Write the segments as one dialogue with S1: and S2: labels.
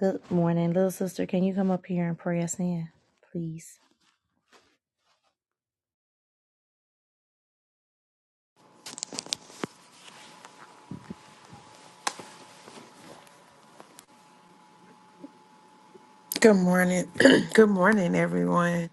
S1: Good morning, little sister. Can you come up here and pray us in, please?
S2: Good morning. Good morning, everyone.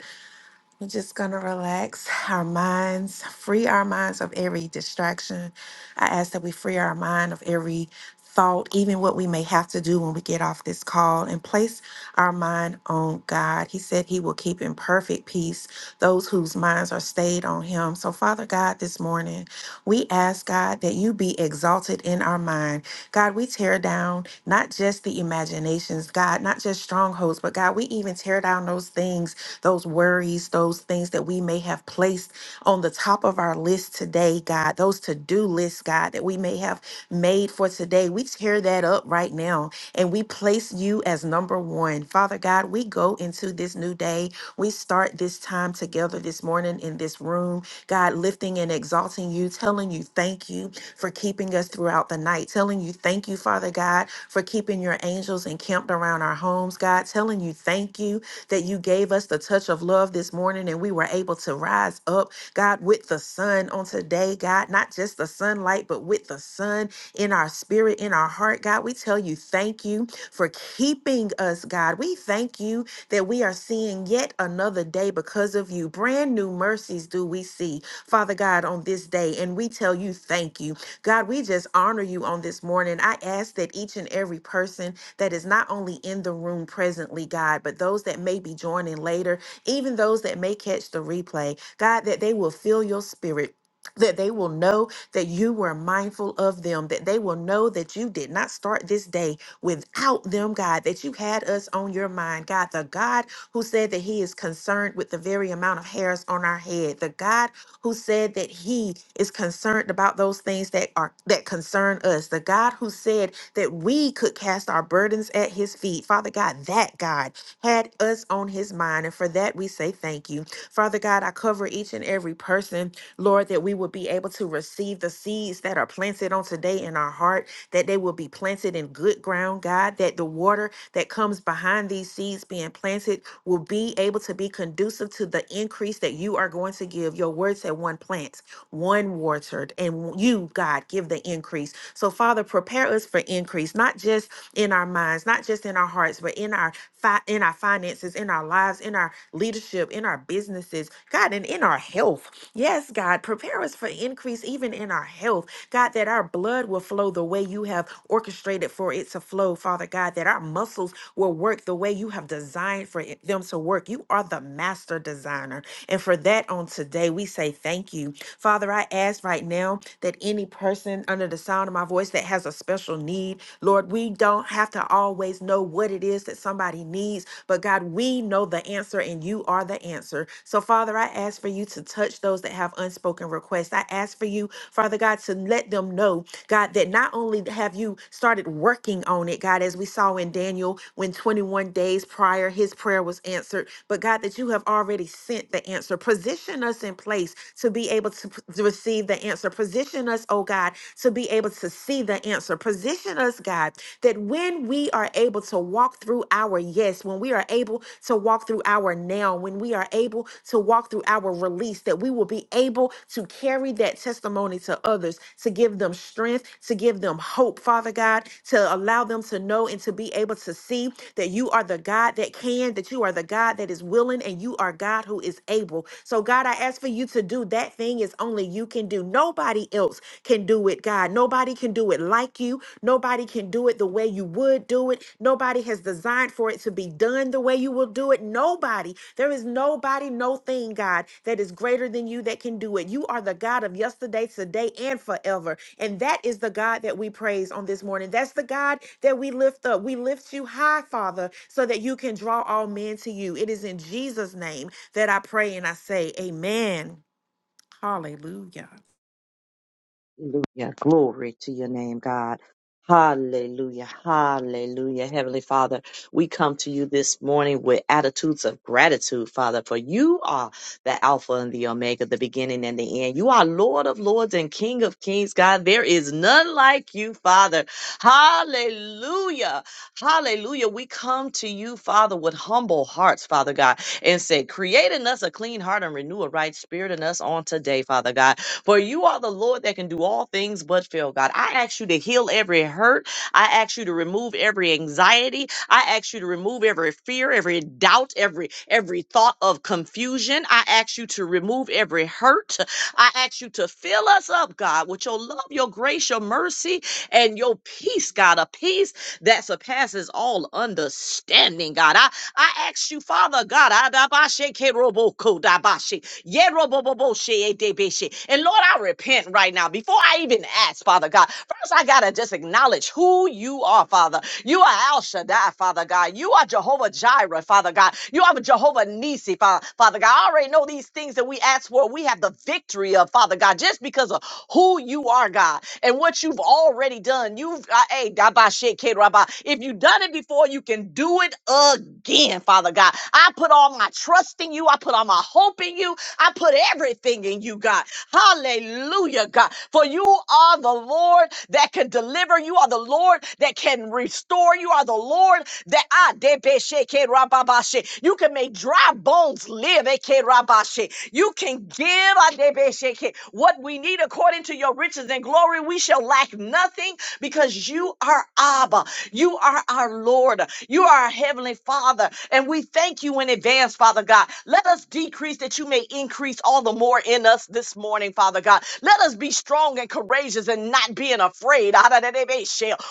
S2: We're just going to relax our minds, free our minds of every distraction. I ask that we free our mind of every thought, even what we may have to do when we get off this call, and place our mind on God. He said He will keep in perfect peace those whose minds are stayed on Him. So, Father God, this morning, we ask God that you be exalted in our mind. God, we tear down not just the imaginations, God, not just strongholds, but struggles. But God, we even tear down those things, those worries, those things that we may have placed on the top of our list today, God, those to do lists, God, that we may have made for today. We tear that up right now and we place you as number one. Father God, we go into this new day. We start this time together this morning in this room, God, lifting and exalting you, telling you thank you for keeping us throughout the night, telling you thank you, Father God God, for keeping your angels encamped around our homes, God, telling you thank you that you gave us the touch of love this morning and we were able to rise up, God, with the sun on today, God, not just the sunlight, but with the sun in our spirit, in our heart, God. We tell you thank you for keeping us, God. We thank you that we are seeing yet another day because of you. Brand new mercies do we see, Father God, on this day. And we tell you thank you. God, we just honor you on this morning. I ask that each and every person that is not only in the room presently, God, but those that may be joining later, even those that may catch the replay, God, that they will feel your spirit. That they will know that you were mindful of them, that they will know that you did not start this day without them, God, that you had us on your mind, God, the God who said that He is concerned with the very amount of hairs on our head, the God who said that he is concerned about those things that are that concern us. The God who said that we could cast our burdens at his feet. Father God, that God had us on his mind. And for that we say thank you. Father God, I cover each and every person, Lord, that we will be able to receive the seeds that are planted on today in our heart, that they will be planted in good ground, God, that the water that comes behind these seeds being planted will be able to be conducive to the increase that you are going to give. Your word said one plants, one watered, and you, God, give the increase. So, Father, prepare us for increase, not just in our minds, not just in our hearts, but in our fi- in our finances, in our lives, in our leadership, in our businesses, God, and in our health. Yes, God, prepare us for increase even in our health God, that our blood will flow the way you have orchestrated for it to flow, Father God, that our muscles will work the way you have designed for it- them to work. You are the master designer. And for that on today, we say thank you. Father, I ask right now that any person under the sound of my voice that has a special need, Lord, we don't have to always know what it is that somebody needs, but God, we know the answer and you are the answer. So, Father, I ask for you to touch those that have unspoken requests. I ask for you, Father God, to let them know, God, that not only have you started working on it, God, as we saw in Daniel when 21 days prior his prayer was answered, but God, that you have already sent the answer. Position us in place to be able to, p- to receive the answer. Position us, oh God, to be able to see the answer. Position us, God, that when we are able to walk through our yes, when we are able to walk through our now, when we are able to walk through our release, that we will be able to carry that testimony to others, to give them strength, to give them hope, Father God, to allow them to know and to be able to see that you are the God that can, that you are the God that is willing, and you are God who is able. So, God, I ask for you to do that thing is only you can do. Nobody else can do it, God. Nobody can do it like you. Nobody can do it the way you would do it. Nobody has designed for it to be done the way you will do it. Nobody. There is nobody, no thing, God, that is greater than you that can do it. You are the God of yesterday, today, and forever. And that is the God that we praise on this morning. That's the God that we lift up. We lift you high, Father, so that you can draw all men to you. It is in Jesus' name that I pray and I say, Amen. Hallelujah.
S1: Hallelujah. Glory to your name, God. Hallelujah. Hallelujah. Heavenly Father, we come to you this morning with attitudes of gratitude, Father, for you are the Alpha and the Omega, the beginning and the end. You are Lord of Lords and King of Kings, God. There is none like you, Father. Hallelujah. Hallelujah. We come to you, Father, with humble hearts, Father God, and say, Create in us a clean heart and renew a right spirit in us on today, Father God. For you are the Lord that can do all things but fail, God. I ask you to heal every hurt I ask you to remove every anxiety. I ask you to remove every fear, every doubt, every every thought of confusion. I ask you to remove every hurt. I ask you to fill us up, God, with your love, your grace, your mercy, and your peace, God, a peace that surpasses all understanding, God. I, I ask you, Father God, adabashe keroboko dabashi, yerobobobo she edebeshe. and Lord, I repent right now before I even ask, Father God. First, I got to just acknowledge who you are, Father. You are Al Shaddai, Father God. You are Jehovah Jireh, Father God. You are Jehovah Nisi, Father, Father God. I already know these things that we ask for. We have the victory of, Father God, just because of who you are, God, and what you've already done. You've, uh, hey, Dabba Sheke Rabba. If you've done it before, you can do it again, Father God. I put all my trust in you. I put all my hope in you. I put everything in you, God. Hallelujah, God. For you are the Lord that can deliver. You are the Lord that can restore. You are the Lord that ah, debesheke rababashe. you can make dry bones live. eke rabashe. You can give ah, debesheke, what we need according to your riches and glory. We shall lack nothing because you are Abba. You are our Lord. You are our Heavenly Father. And we thank you in advance, Father God. Let us decrease decrease that you may increase all the more in us this morning, Father God. Let us be strong and courageous and not being afraid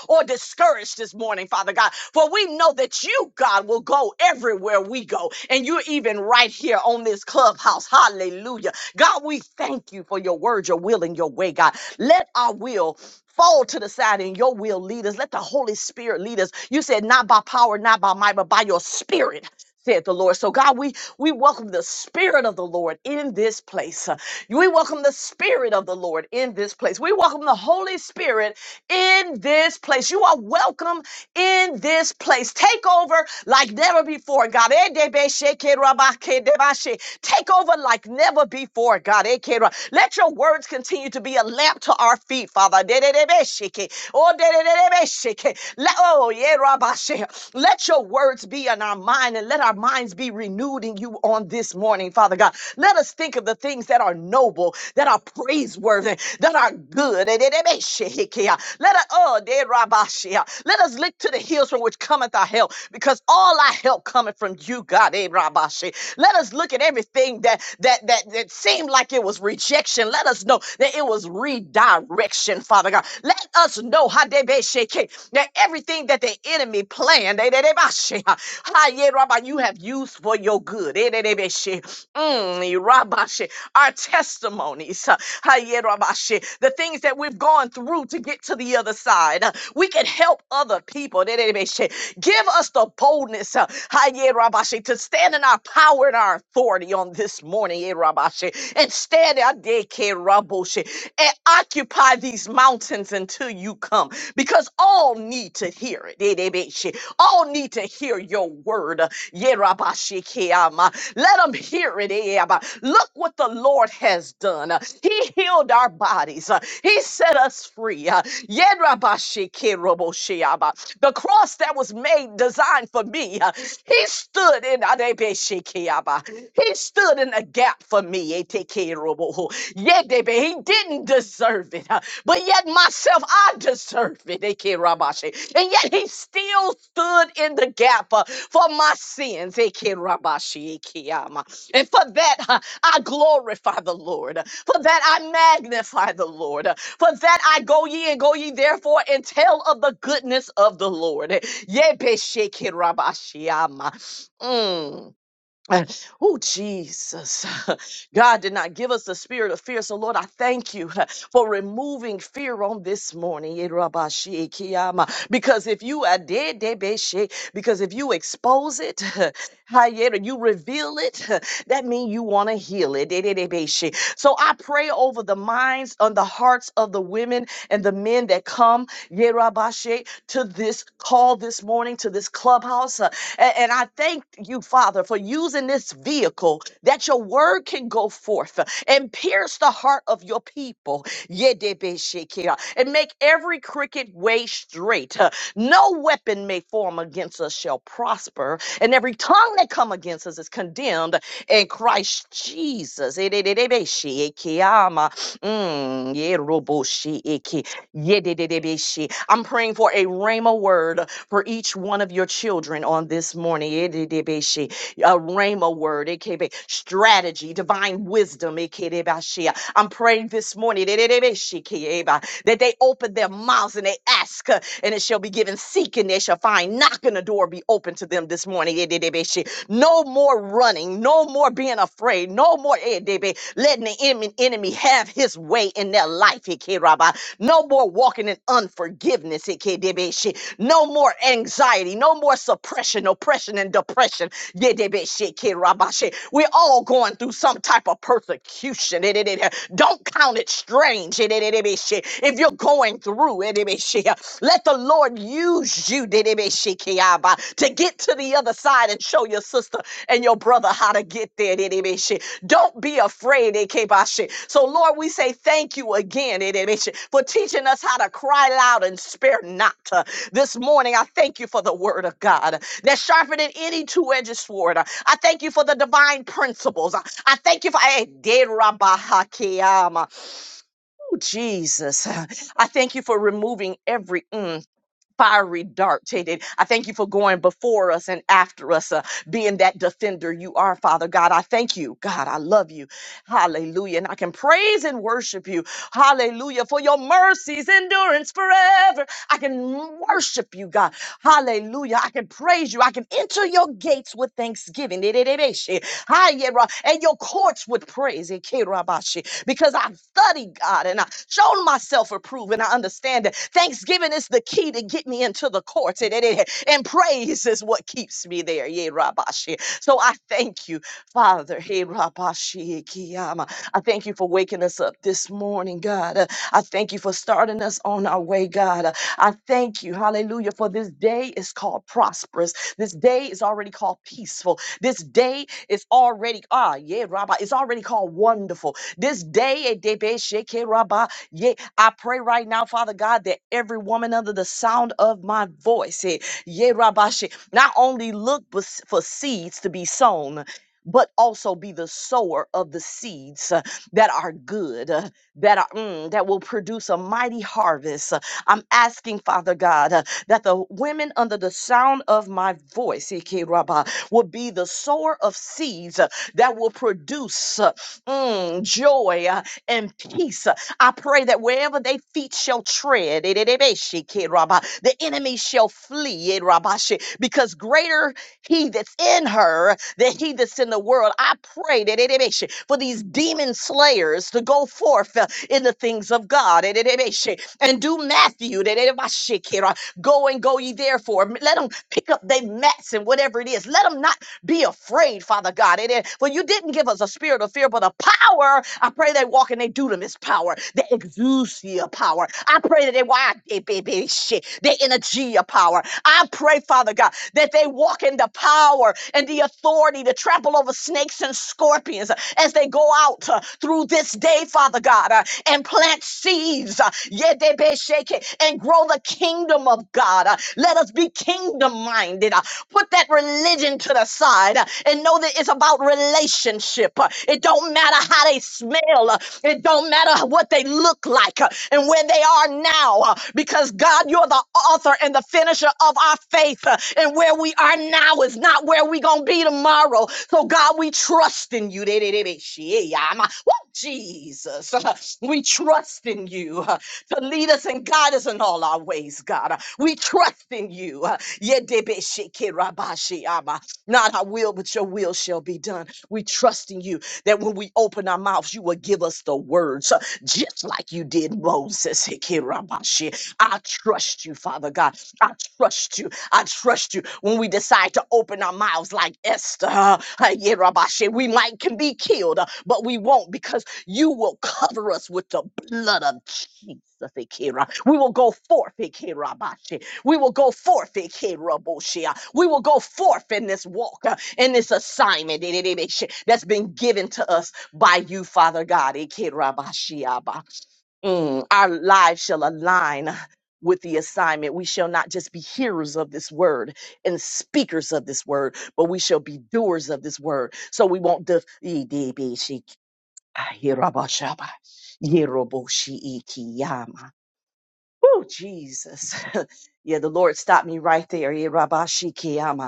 S1: or discouraged this morning, Father God. For we know that you, God, will go everywhere we go. And you're even right here on this clubhouse. Hallelujah. God, we thank you for your word, your will, and your way, God. Let our will fall to the side and your will lead us. Let the Holy Spirit lead us. You said, not by power, not by might, but by your spirit said the Lord. So, God, we, we welcome the Spirit of the Lord in this place. Uh, We welcome the Spirit of the Lord in this place. We welcome the Holy Spirit in this place. You are welcome in this place. Take over like never before, God. Eh, Take over like never before, God. Eh, Let your word words continue to be a lamp to our feet, Father. De-de-de-be-shiki. Oh, de-de-de-de-be-shiki. Let, oh, yeah, Rabashe. Let your words be in our mind and let our minds be renewed in you on this morning, Father God. Let us think of the things that are noble, that are praiseworthy, that are good. De-de-de-be-shiki. Let us, oh, de-rabashe. let us lift look to the hills from which cometh our help, because all our help cometh from you, God. Eh, Rabashe. Let us look at everything that that that that seemed like it was rejection. Let us know that it was redirection, Father God. Let us know Hadebeshake, that everything that the enemy planned, eh, Dedebashe, ha, ha, yeah, Rabba, you have used for your good. Eh, Dedebeshe. Mm, Rabashe, our testimonies, uh, Haye Rabashe, the things that we've gone through to get to the other side. uh, We can help other people. Dedebeshe. Give us the boldness, uh, Haye Rabashe, to stand in our power and our authority on this morning, Ye Rabashe, and stand Adeke Raboshe, and occupy these mountains until you come, because all need to hear it. Dedebeshe. All need to hear your word. Yerabashikiyama. Let them hear it. Eba. Look what the Lord has done. He healed our bodies. He set us free. Yerabashikiroboshiaba. The cross that was made designed for me. He stood in Adebeshikiaba. He stood in a gap for me. Etekirobo. Yedebe. He didn't deserve it but yet myself, I deserve it. Eke Rabashe. And yet he still stood in the gap uh, for my sins. Eke Rabashe, Eke Ama. And for that, uh, I glorify the Lord. For that, I magnify the Lord. For that, I go ye and go ye therefore and tell of the goodness of the Lord. Yebeshe, Eke Rabashe, Ama. Mm. Oh, Jesus. God did not give us the spirit of fear. So, Lord, I thank you for removing fear on this morning. Yerabashikiyama. Because if you are dead, debeshe, because if you expose it, hayera, you reveal it, that means you want to heal it. Dededebeshe. So I pray over the minds and the hearts of the women and the men that come, Yerabashe, to this call this this morning to this clubhouse. uh, a- and, I thank you, Father, for using this vehicle that your word can go forth uh, and pierce the heart of your people. Yedebeshekea, And make every crooked way straight. uh, No weapon may form against us shall prosper. And every tongue that come against us is condemned in Christ Jesus. Edebeshekea, ma, mm, yerobosheeke. Yedididibishi. I'm praying for a rhema word for each one of your children on this morning. Yedidibishi. A rhema word, aka strategy, divine wisdom. Ikidibashi. I'm praying this morning yedididibishi, kieba, that they open their mouths and they ask, uh, and it shall be given. Seek and they shall find. Knocking the door be open to them this morning. Yedidibishi. No more running, no more being afraid afraid. No more, eh, baby, letting the enemy, enemy have his way in their life. eh, K, Rabba. No more walking in unforgiveness. eh, K, baby, shit. No more anxiety. No more suppression, oppression, and depression. Yeah, they shit, K rabba shit. We're all going through some type of persecution. Eh, eh, eh, eh. Don't count it strange. eh, eh, eh, eh, be shit. If you're going through it, eh, be shit, let the Lord use you to get to the other side and show your sister and your brother how to get there. Don't be afraid. So, Lord, we say thank you again for teaching us how to cry loud and spare not. Uh, This morning, I thank you for the word of God that's sharper than any two edged sword. Uh, I thank you for the divine principles. Uh, I thank you for. Eh, Derabahakiyama. Ooh, Jesus. I thank you for removing every. mm, fiery dart, Teddy. I thank you for going before us and after us, uh, being that defender you are, Father God. I thank you, God. I love you. Hallelujah. And I can praise and worship you. Hallelujah. For your mercies, endurance forever. I can worship you, God. Hallelujah. I can praise you. I can enter your gates with thanksgiving. Hi, yeah, right. And your courts with praise. Because I've studied God and I've shown myself approved and I understand that thanksgiving is the key to get me into the courts. And and and praise is what keeps me there. Yeah, Rabashi. So I thank you, Father. Hey, Rabashi Kiyama. I thank you for waking us up this morning, God. Uh, I thank you for starting us on our way, God. Uh, I thank you, hallelujah, for this day is called prosperous. This day is already called peaceful. This day is already, ah, yeah, Rabbi, it's already called wonderful. This day, eh, debe sheke Rabba, yeah, I pray right now, Father God, that every woman under the sound of my voice, eh, yeah, Rabbi, she- not only look for s- for seeds to be sown, but also be the sower of the seeds uh, that are good, uh, that are mm, that will produce a mighty harvest. Uh, I'm asking, Father God. uh, that the women under the sound of my voice Ike Rabba, will be the sower of seeds uh, that will produce uh, mm, joy uh, and peace uh, I pray that wherever they feet shall tread, eh, eh, eh, eh, she kid, Rabba, the enemy shall flee, eh, Rabba, she- because greater he that's in her than he that's in the world. I pray that eh, eh, eh, she- for these demon slayers to go forth uh, in the things of God eh, eh, eh, eh, she- and do Matthew, eh, eh, eh, bah, she kid, uh, go and go ye therefore. M- Let them pick up their mats and whatever it is. Let them not be afraid, Father God. eh, eh, For you didn't give us a spirit of fear, but a power power. I pray they walk in their dunamis power, their exousia power. I pray that they why they baby shit, their energy power. I pray, Father God, that they walk in the power and the authority to trample over snakes and scorpions uh, as they go out uh, through this day, Father God, uh, and plant seeds uh, yeah, they be shaking, and grow the kingdom of God. Uh, Let us be kingdom minded. Uh, Put that religion to the side uh, and know that it's about relationship relationship. Uh, It don't matter how they smell. Uh, It don't matter what they look like uh, and where they are now. Uh, Because God, you're the author and the finisher of our faith. Uh, And where we are now is not where we're going to be tomorrow. So God, we trust in you. Woo, Jesus, Uh, we trust in you uh, to lead us and guide us in all our ways, God. Uh, We trust in you. Uh, not our will, but your will shall be done. We trust in you that when we open our mouths, you will give us the words, uh, just like you did Moses. Hikirabashi. I trust you, Father God. I trust you. I trust you. When we decide to open our mouths like Esther, uh, Hikirabashi, we might can be killed, uh, but we won't because you will cover us with the blood of Jesus. Hikira. We will go forth, Hikirabashi, we will go forth, Ike Raboshia. We will go forth in this walk, uh, in this assignment eh, eh, eh, eh, that's been given to us by you, Father God. Ike Mm, Our lives shall align with the assignment. We shall not just be hearers of this word and speakers of this word, but we shall be doers of this word. So we won't def- Ikeraboshia. Ikeraboshia. Oh, Jesus. yeah, the Lord stopped me right there. Yeah, Rabashi Kiyama.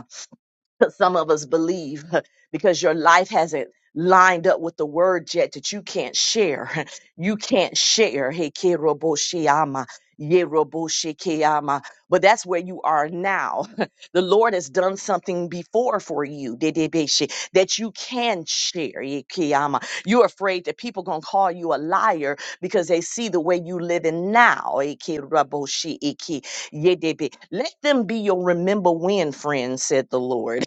S1: some of us believe because your life hasn't lined up with the word yet that you can't share. You can't share. Hey, Keroboshiama. Yeroboshikeama. But that's where you are now. The Lord has done something before for you Dedebeshi, that you can share. Yekeama. You're afraid that people going to call you a liar because they see the way you living now. Ekeroboshi, eke- Yedebe. Let them be your remember when, friend, said the Lord.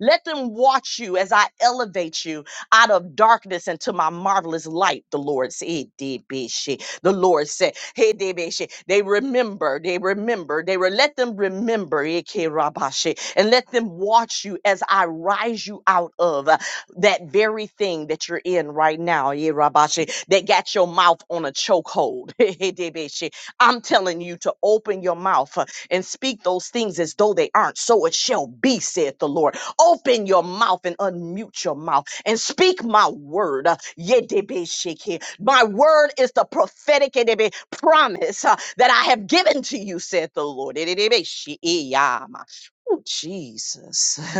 S1: Let them watch you as I elevate you out of darkness into my marvelous light, the Lord said. The Lord said, "Hey, Debeshe." They remember, they remember, they were let them remember, Eke Rabashe, and let them watch you as I rise you out of uh, that very thing that you're in right now, Ye Rabashe, that got your mouth on a chokehold. Hey, Debeshe. I'm telling you to open your mouth uh, and speak those things as though they aren't. So it shall be, said, the Lord. Open your mouth and unmute your mouth and speak my word. Uh, Yedebeshiki. My word is the prophetic edebe- promise uh, that I have given to you, said the Lord. Edebeshiyama. Oh, Jesus.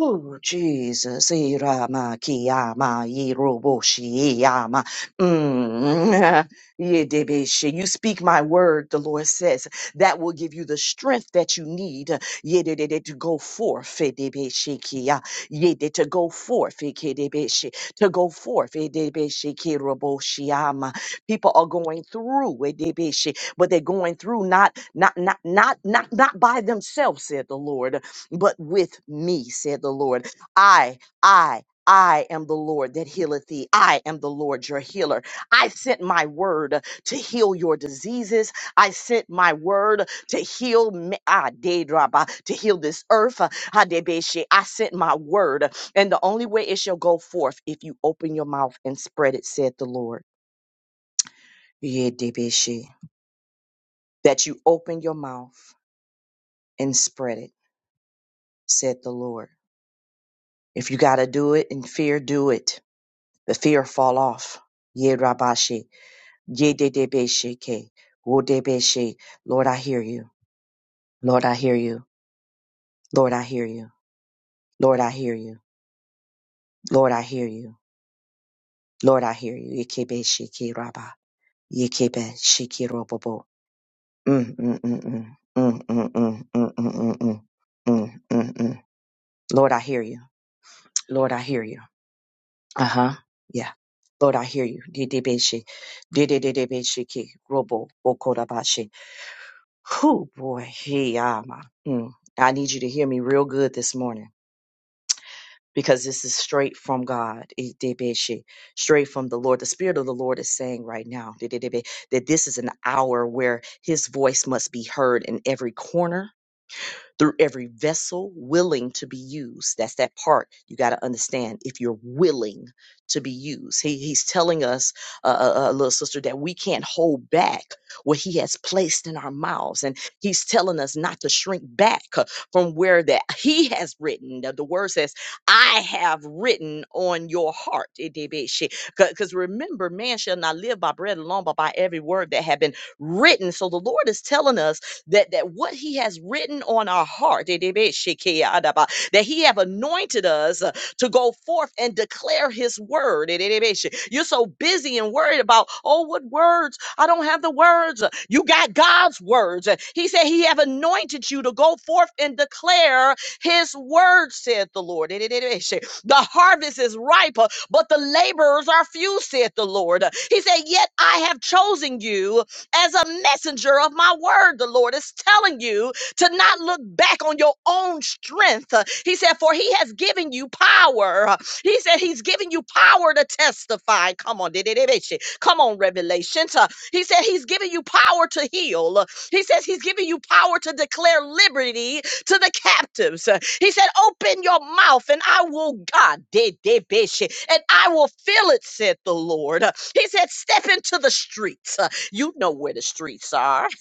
S1: Oh, Jesus, Irama Kiyama Iroboshi Iyama. Mm, Yedebeshi. You speak my word, the Lord says. That will give you the strength that you need Yedede, to go forth. Yedebeshi Kiya. Yede, To go forth. Yedebeshi. To go forth. Yedebeshi Kiroboshi Iyama. People are going through Yedebeshi, but they're going through not not not not not not by themselves, said the Lord but with me, said the Lord. I, I, I am the Lord that healeth thee. I am the Lord your healer. I sent my word to heal your diseases. I sent my word to heal me, ah, Dedraba, to heal this earth. ah, Hadebeshe. I sent my word, and the only way it shall go forth if you open your mouth and spread it, said the Lord. Yedebeshe. That you open your mouth and spread it, said the Lord. If you got to do it in fear, do it The fear fall off. Ye Rabashi, Ye de Dedebeshike, Wodebeshe. Lord, I hear you. Lord, I hear you. Lord, I hear you. Lord, I hear you. Lord, I hear you. Lord, I hear you. Yekebe Shiki Rabba. Yekebe Shiki Robobo. Mm, mm, mm, mm. Mm, mm, mm, mm, mm, mm, mm, mm, mm. mm. Lord, I hear you. Lord, I hear you. Uh huh. Yeah. Lord, I hear you. Dedebeshe. Dedebeshiki. Robo. Who boy, he ama. Mm. I need you to hear me real good this morning because this is straight from God. Idebeshi. Straight from the Lord. The Spirit of the Lord is saying right now didebe, that this is an hour where his voice must be heard in every corner through every vessel willing to be used. That's that part you got to understand. If you're willing to be used, he, he's telling us, uh, uh, uh, little sister, that we can't hold back what he has placed in our mouths. And he's telling us not to shrink back uh, from where that he has written. The, the word says, I have written on your heart. Because remember, man shall not live by bread alone, but by every word that had been written. So the Lord is telling us that, that what he has written on our heart, that he have anointed us uh, to go forth and declare his word. You're so busy and worried about, oh, what words? I don't have the words. Uh, You got God's words. Uh, He said he have anointed you to go forth and declare his word, said the Lord. The harvest is ripe, uh, but the laborers are few, said the Lord. Uh, He said, yet I have chosen you as a messenger of my word. The Lord is telling you to not look back on your own strength. Uh, He said, For he has given you power. Uh, He said, He's given you power to testify. Come on, didididididshi. come on, Revelation. Uh, He said, He's given you power to heal. Uh, He says, He's given you power to declare liberty to the captives. Uh, He said, Open your mouth and I will, God, dididididshi, and I will fill it, said the Lord. Uh, He said, Step into the streets. You know where the streets are.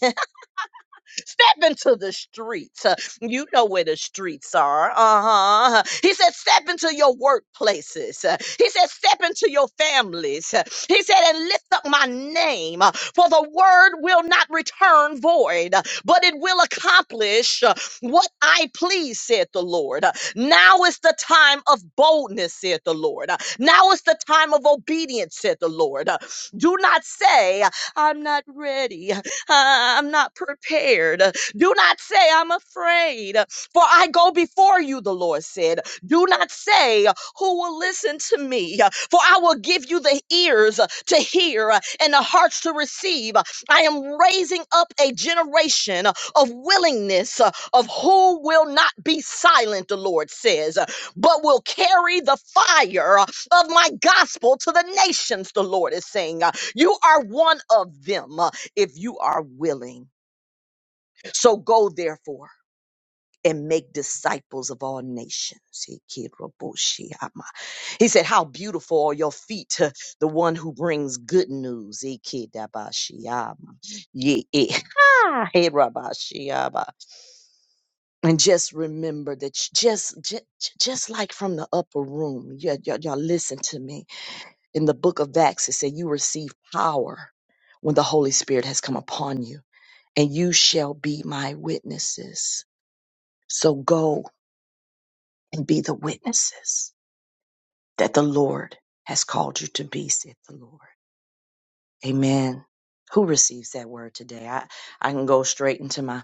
S1: Step into the streets. Uh, You know where the streets are. Uh huh. He said, Step into your workplaces. Uh, He said, Step into your families. Uh, He said, And lift up my name, uh, for the word will not return void, uh, but it will accomplish uh, what I please, said the Lord. Uh, Now is the time of boldness, said the Lord. Uh, Now is the time of obedience, said the Lord. Uh, Do not say, I'm not ready. Uh, I'm not prepared. Do not say I'm afraid, for I go before you, the Lord said. Do not say, Who will listen to me? For I will give you the ears to hear and the hearts to receive. I am raising up a generation of willingness uh, of who will not be silent, the Lord says, but will carry the fire of my gospel to the nations, the Lord is saying. You are one of them if you are willing. So go therefore and make disciples of all nations. He He said, How beautiful are your feet to the one who brings good news. He kid Dabashi Hama. Ye- eh, ha, he And just remember that j- just, just, just like from the upper room, y'all, y'all y'all listen to me. In the book of Acts, it said, You receive power when the Holy Spirit has come upon you. and you shall be my witnesses. So go and be the witnesses that the Lord has called you to be, said the Lord. Amen. Who receives that word today? I, I can go straight into my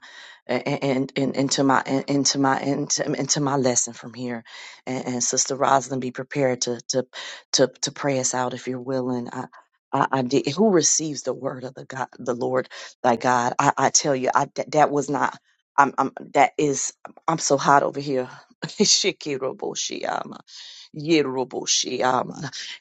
S1: and and into my in- into my into, into my lesson from here. And, and Sister Rosalind, be prepared to to to to pray us out if you're willing. I, I, I did. Who receives the word of the God, the Lord, thy God? I, I tell you, I that, that was not. I'm, I'm that is. I'm so hot over here. Shikiro Yeroboshi, um,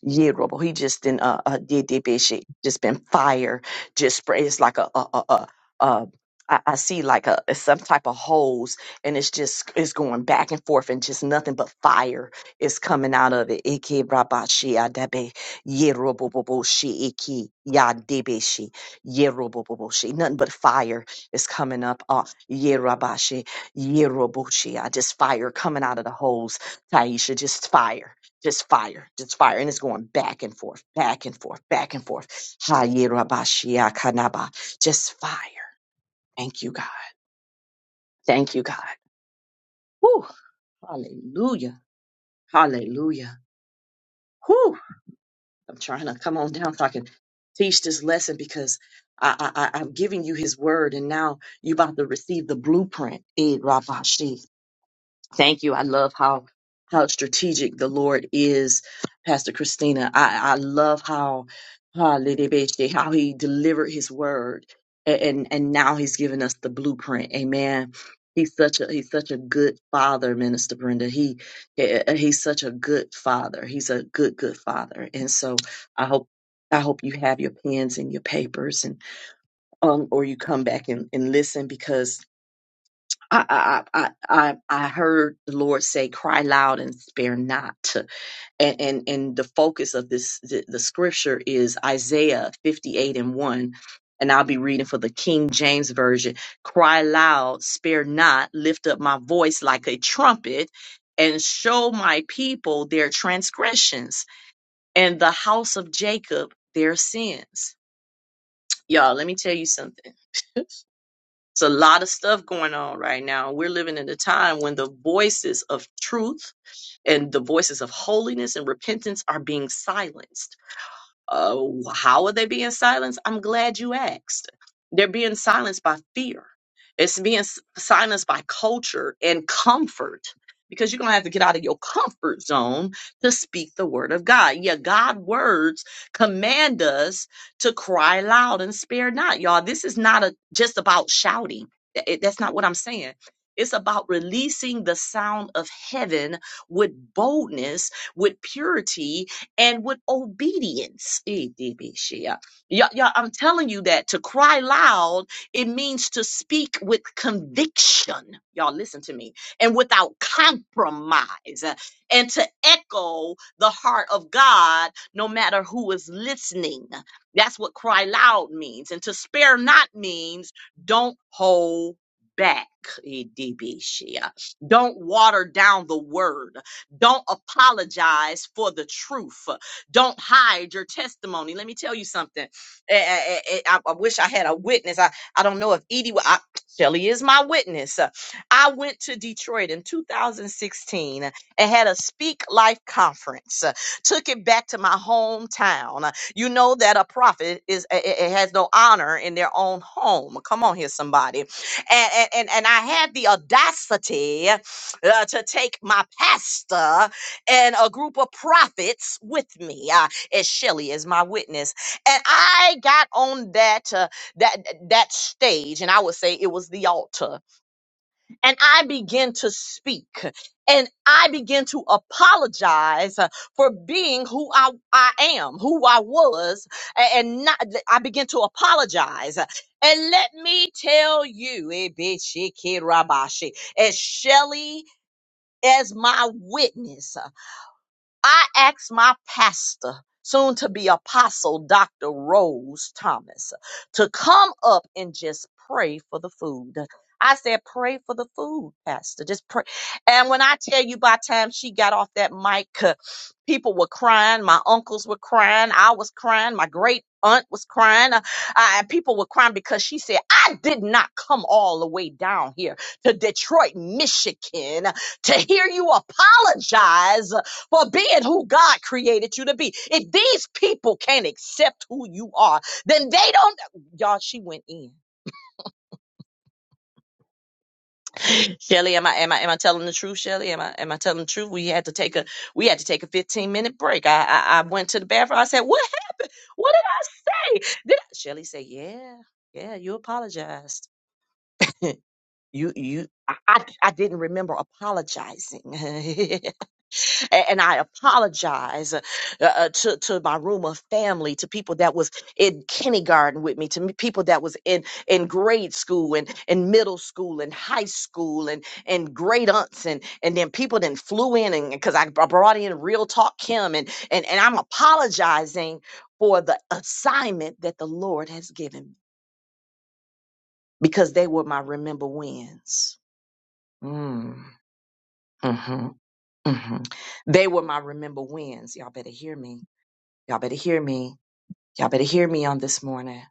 S1: Yerobo. He just in uh, uh Yedebeshi, just been fire, just spray. It's like a a a. a, a I, I see like a some type of hose, and it's just it's going back and forth, and just nothing but fire is coming out of it. Ike rabashi adabe yeroboboboshi iki yadebeshi yeroboboboshi. Nothing but fire is coming up. Uh, yerabashi yeroboshi. I just fire coming out of the hose Taisha, just fire, just fire, just fire. And it's going back and forth, back and forth, back and forth. Hayerabashiakanaba. Just fire. Thank you, God. Thank you, God. Whew. Hallelujah. Hallelujah. Whew. I'm trying to come on down so I can teach this lesson because I, I, I- I'm giving you his word and now you're about to receive the blueprint. Thank you. I love how how strategic the Lord is, Pastor Christina. I, I love how hallelujah, how he delivered his word a- and and now he's given us the blueprint. Amen. He's such a he's such a good father, Minister Brenda. He eh, eh, eh, he's such a good father. He's a good good father. And so I hope I hope you have your pens and your papers and um or you come back and, and listen because I, I, I, I I heard the Lord say, cry loud and spare not. And, and, and the focus of this, the, the scripture is Isaiah 58 and 1. And I'll be reading for the King James Version. Cry loud, spare not, lift up my voice like a trumpet and show my people their transgressions and the house of Jacob their sins. Y'all, let me tell you something. It's a lot of stuff going on right now. We're living in a time when the voices of truth and the voices of holiness and repentance are being silenced. Oh, how are they being silenced? I'm glad you asked. They're being silenced by fear. It's being s- silenced by culture and comfort because you're going to have to get out of your comfort zone to speak the word of God. Yeah, God words command us to cry loud and spare not. Y'all, this is not a, just about shouting. Th- it- That's not what I'm saying. It's about releasing the sound of heaven with boldness, with purity, and with obedience. Eh, debeshia. Y'all, y'all, I'm telling you that to cry loud, it means to speak with conviction. Y'all, listen to me, and without compromise, uh, and to echo the heart of God no matter who is listening. That's what cry loud means. And to spare not means don't hold back. Eh, debeshia. Don't water down the word. Don't apologize for the truth. Don't hide your testimony. Let me tell you something. Eh, eh, eh, eh, I, I wish I had a witness. I, I don't know if Edie, wa- I, Shelly is my witness. I went to Detroit in 2016 and had a Speak Life conference. Took it back to my hometown. You know that a prophet is it it has no honor in their own home. Come on here, somebody and and and and I had the audacity uh, to take my pastor and a group of prophets with me, uh, as Shelly is my witness. And I got on that uh, that that stage, and I would say it was the altar, and I began to speak. And I began to apologize uh, for being who I, I am, who I was, a- and not, I began to apologize. And let me tell you, eh, bitch, eh, kid, rabashi, as Shelly as my witness. I asked my pastor, soon to be apostle, Dr. Rose Thomas, to come up and just pray for the food. I said, pray for the food, Pastor. Just pray. And when I tell you by the time she got off that mic, uh, people were crying. My uncles were crying. I was crying. My great aunt was crying. Uh, I, people were crying because she said, I did not come all the way down here to Detroit, Michigan to hear you apologize for being who God created you to be. If these people can't accept who you are, then they don't. Y'all, she went in. Shelly, am I am I am I telling the truth, Shelly? Am I am I telling the truth? We had to take a we had to take a 15 minute break. I I, I went to the bathroom. I said, What happened? What did I say? Did I Shelly said, Yeah, yeah, you apologized. you you I, I I didn't remember apologizing. A- And I apologize uh, uh, to, to my room of family, to people that was in kindergarten with me, to me- people that was in, in grade school and, in middle school and high school and, and great aunts. And, and then people then flew in and because I br- brought in Real Talk Kim and, and, and I'm apologizing for the assignment that the Lord has given me because they were my remember wins. Mm, mhm, mhm. They were my remember wins. Y'all better hear me Y'all better hear me. Y'all better hear me on this morning.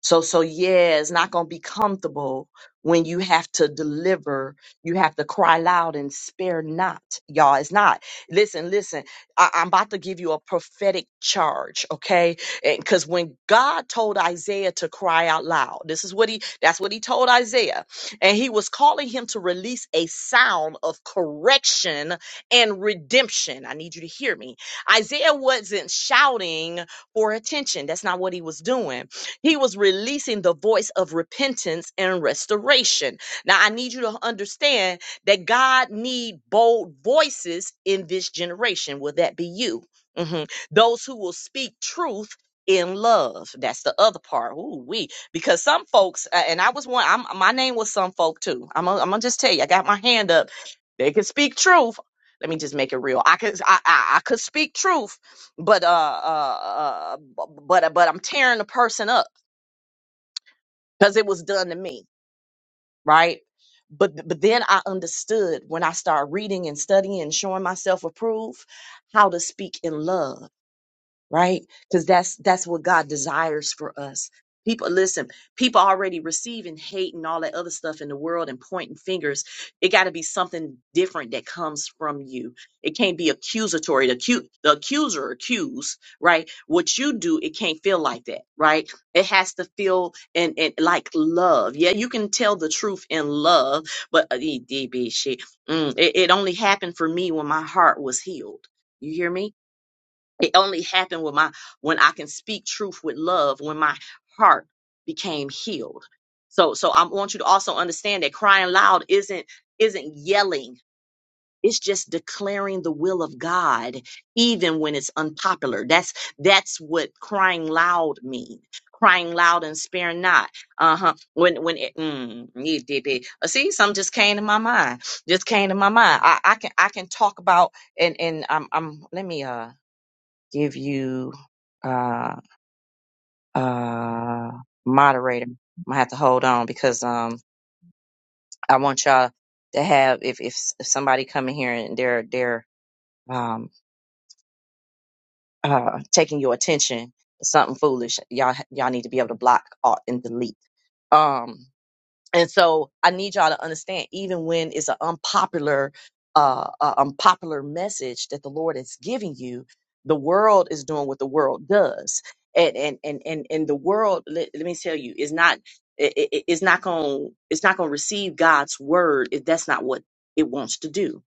S1: So, so yeah, it's not going to be comfortable when you have to deliver. You have to cry loud and spare not, y'all. It's not. Listen, listen. I, I'm about to give you a prophetic charge, okay? Because when God told Isaiah to cry out loud, this is what he. That's what he told Isaiah, and he was calling him to release a sound of correction and redemption. I need you to hear me. Isaiah wasn't shouting for attention. That's not what he was doing he was releasing the voice of repentance and restoration. Now I need you to understand that God need bold voices in this generation. Will that be you? Mhm. Those who will speak truth in love. That's the other part. Ooh, we because some folks uh, and I was one. I'm, my name was some folk too. I'm gonna I'm gonna just tell you. I got my hand up. They can speak truth. Let me just make it real. I could I, I, I could speak truth, but uh, uh, uh but but I'm tearing the person up because it was done to me, right? But but then I understood when I started reading and studying and showing myself approved how to speak in love right because that's that's what god desires for us people listen people already receiving hate and all that other stuff in the world and pointing fingers it got to be something different that comes from you it can't be accusatory the, acu- the accuser accuse right what you do it can't feel like that right it has to feel and, and like love yeah you can tell the truth in love but uh, e- DB shit, mm, it, it only happened for me when my heart was healed you hear me it only happened when my when I can speak truth with love, when my heart became healed. So so I want you to also understand that crying loud isn't isn't yelling. It's just declaring the will of God even when it's unpopular. That's that's what crying loud means. Crying loud and spare not. Uh-huh. When when it mm, it did it. Uh, See, something just came to my mind. Just came to my mind. I, I can I can talk about and and um, um let me uh give you uh uh moderator. I'm gonna have to hold on because um I want y'all to have if if, s- if somebody come in here and they're they're um uh taking your attention something foolish y'all y'all need to be able to block alt, and delete. Um And so I need y'all to understand, even when it's an unpopular, uh, uh, unpopular message that the Lord is giving you, the world is doing what the world does, and and and and, and the world. Let, let me tell you, is not it, it, it's not going it's not going to receive God's word if that's not what it wants to do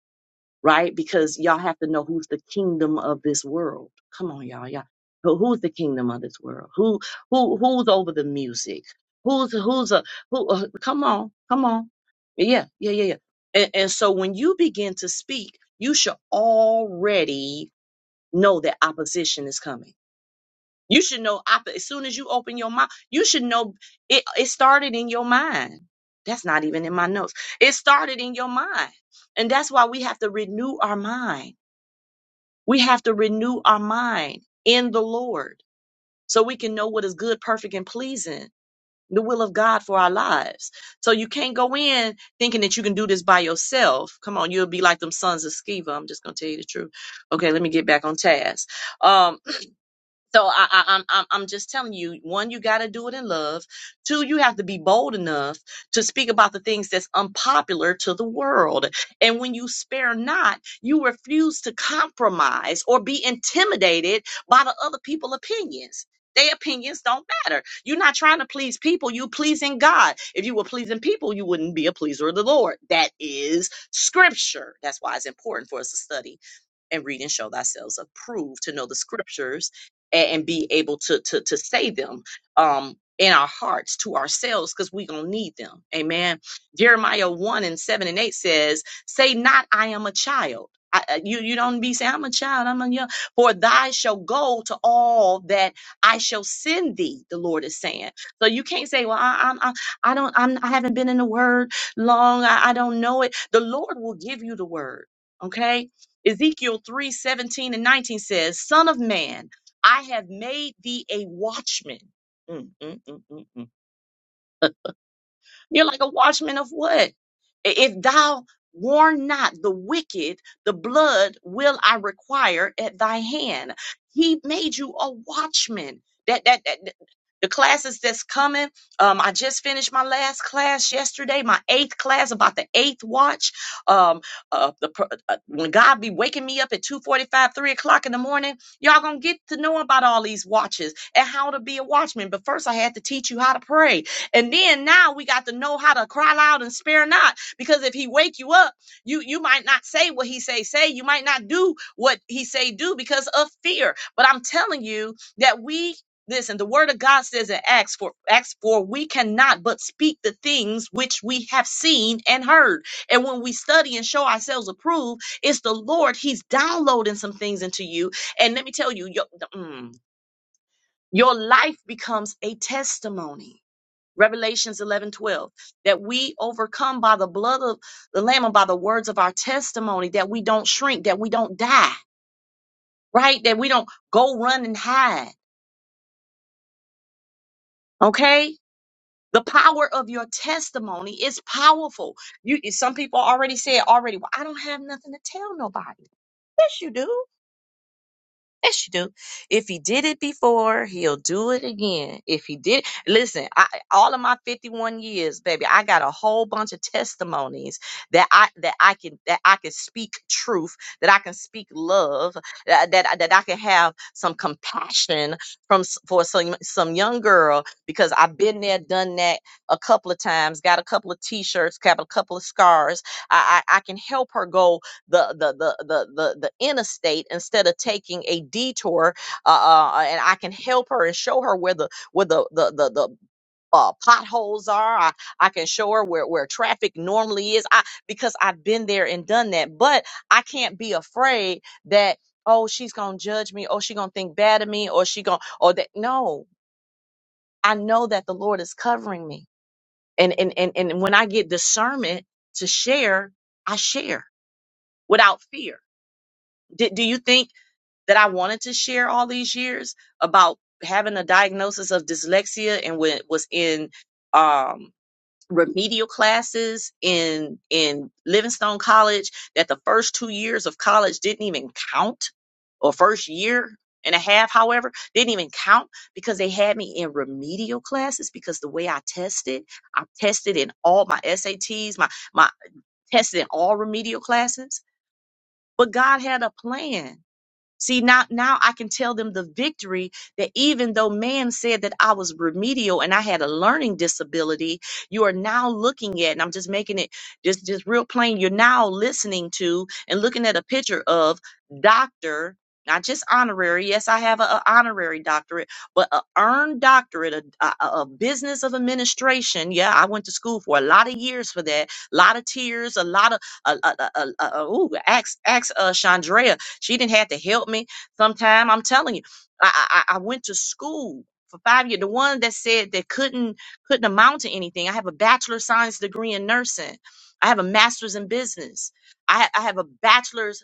S1: right? Because y'all have to know who's the kingdom of this world. Come on, y'all, y'all. Who- Who's the kingdom of this world? Who who who's over the music? Who's who's a who? Uh, come on, come on. Yeah, yeah, yeah, yeah. And, and so when you begin to speak, you should already know that opposition is coming. You should know op- as soon as you open your mouth, you should know it. It started in your mind. That's not even in my notes. It started in your mind. And that's why we have to renew our mind we have to renew our mind in the Lord so we can know what is good, perfect, and pleasing, the will of God for our lives. So you can't go in thinking that you can do this by yourself. Come on, you'll be like them sons of Sceva. I'm just going to tell you the truth. Okay, let me get back on task. Um, so I, I, I'm I'm I'm just telling you, one, you got to do it in love. Two, you have to be bold enough to speak about the things that's unpopular to the world. And when you spare not, you refuse to compromise or be intimidated by the other people' opinions. Their opinions don't matter. You're not trying to please people. You're pleasing God. If you were pleasing people, you wouldn't be a pleaser of the Lord. That is scripture. That's why it's important for us to study and read and show thyself approved to know the scriptures and, and be able to to to say them um in our hearts to ourselves because we gonna need them amen jeremiah 1 and 7 and 8 says say not i am a child I, I- you you don't be saying i'm a child i'm a young for thy shall go to all that i shall send thee the lord is saying so you can't say well i i'm i, I don't I'm, i haven't been in the word long I, I don't know it the lord will give you the word okay Ezekiel three seventeen and 19 says, Son of man, I have made thee a watchman. Mm, mm, mm, mm, mm. You're like a watchman of what? If thou warn not the wicked, the blood will I require at thy hand. He made you a watchman. That that, that that- the classes that's coming. Um, I just finished my last class yesterday, my eighth class about the eighth watch. Um, uh, the pr- uh, when God be waking me up at 2:45, 3 o'clock in the morning, y'all gonna get to know about all these watches and how to be a watchman. But first, I had to teach you how to pray. And then now we got to know how to cry loud and spare not. Because if he wake you up, you you might not say what he say say. You might not do what he say do because of fear. But I'm telling you that we listen. The word of God says in Acts for Acts for we cannot but speak the things which we have seen and heard. And when we study and show ourselves approved, it's the Lord. He's downloading some things into you. And let me tell you, your mm, your life becomes a testimony Revelations 11 12 that we overcome by the blood of the Lamb and by the words of our testimony, that we don't shrink, that we don't die, right? That we don't go run and hide, okay? The power of your testimony is powerful. You, some people already said already, well, I don't have nothing to tell nobody. Yes, you do. Yes, you do. If he did it before, he'll do it again. If he did, listen, I, all of my 51 years, baby, I got a whole bunch of testimonies that I that I can that I can speak truth, that I can speak love, that that, that I can have some compassion from s- for some some young girl because I've been there, done that a couple of times, got a couple of t-shirts, got a couple of scars. I I, I can help her go the the the the the, the interstate instead of taking a detour uh, uh and i can help her and show her where the where the the the, the uh, potholes are I, I can show her where where traffic normally is i because i've been there and done that but i can't be afraid that oh she's gonna judge me oh she gonna think bad of me or she gonna or that no i know that the lord is covering me and and and, and when i get discernment to share i share without fear do, do you think that I wanted to share all these years about having a diagnosis of dyslexia and when was in um remedial classes in in Livingstone College that the first 2 years of college didn't even count or first year and a half however didn't even count because they had me in remedial classes because the way I tested I tested in all my SATs my my tested in all remedial classes but God had a plan See, now now I can tell them the victory that even though man said that I was remedial and I had a learning disability, you are now looking at, and I'm just making it just, just real plain, you're now listening to and looking at a picture of doctor, not just honorary. Yes, I have an honorary doctorate, but an earned doctorate, a, a, a business of administration. Yeah, I went to school for a lot of years for that, a lot of tears, a lot of, uh, uh, uh, uh, uh, ooh, ask, ask uh, Chandrea she didn't have to help me. Sometime I'm telling you, I, I I went to school for five years. The one that said that couldn't couldn't amount to anything. I have a bachelor science degree in nursing. I have a master's in business. I I have a bachelor's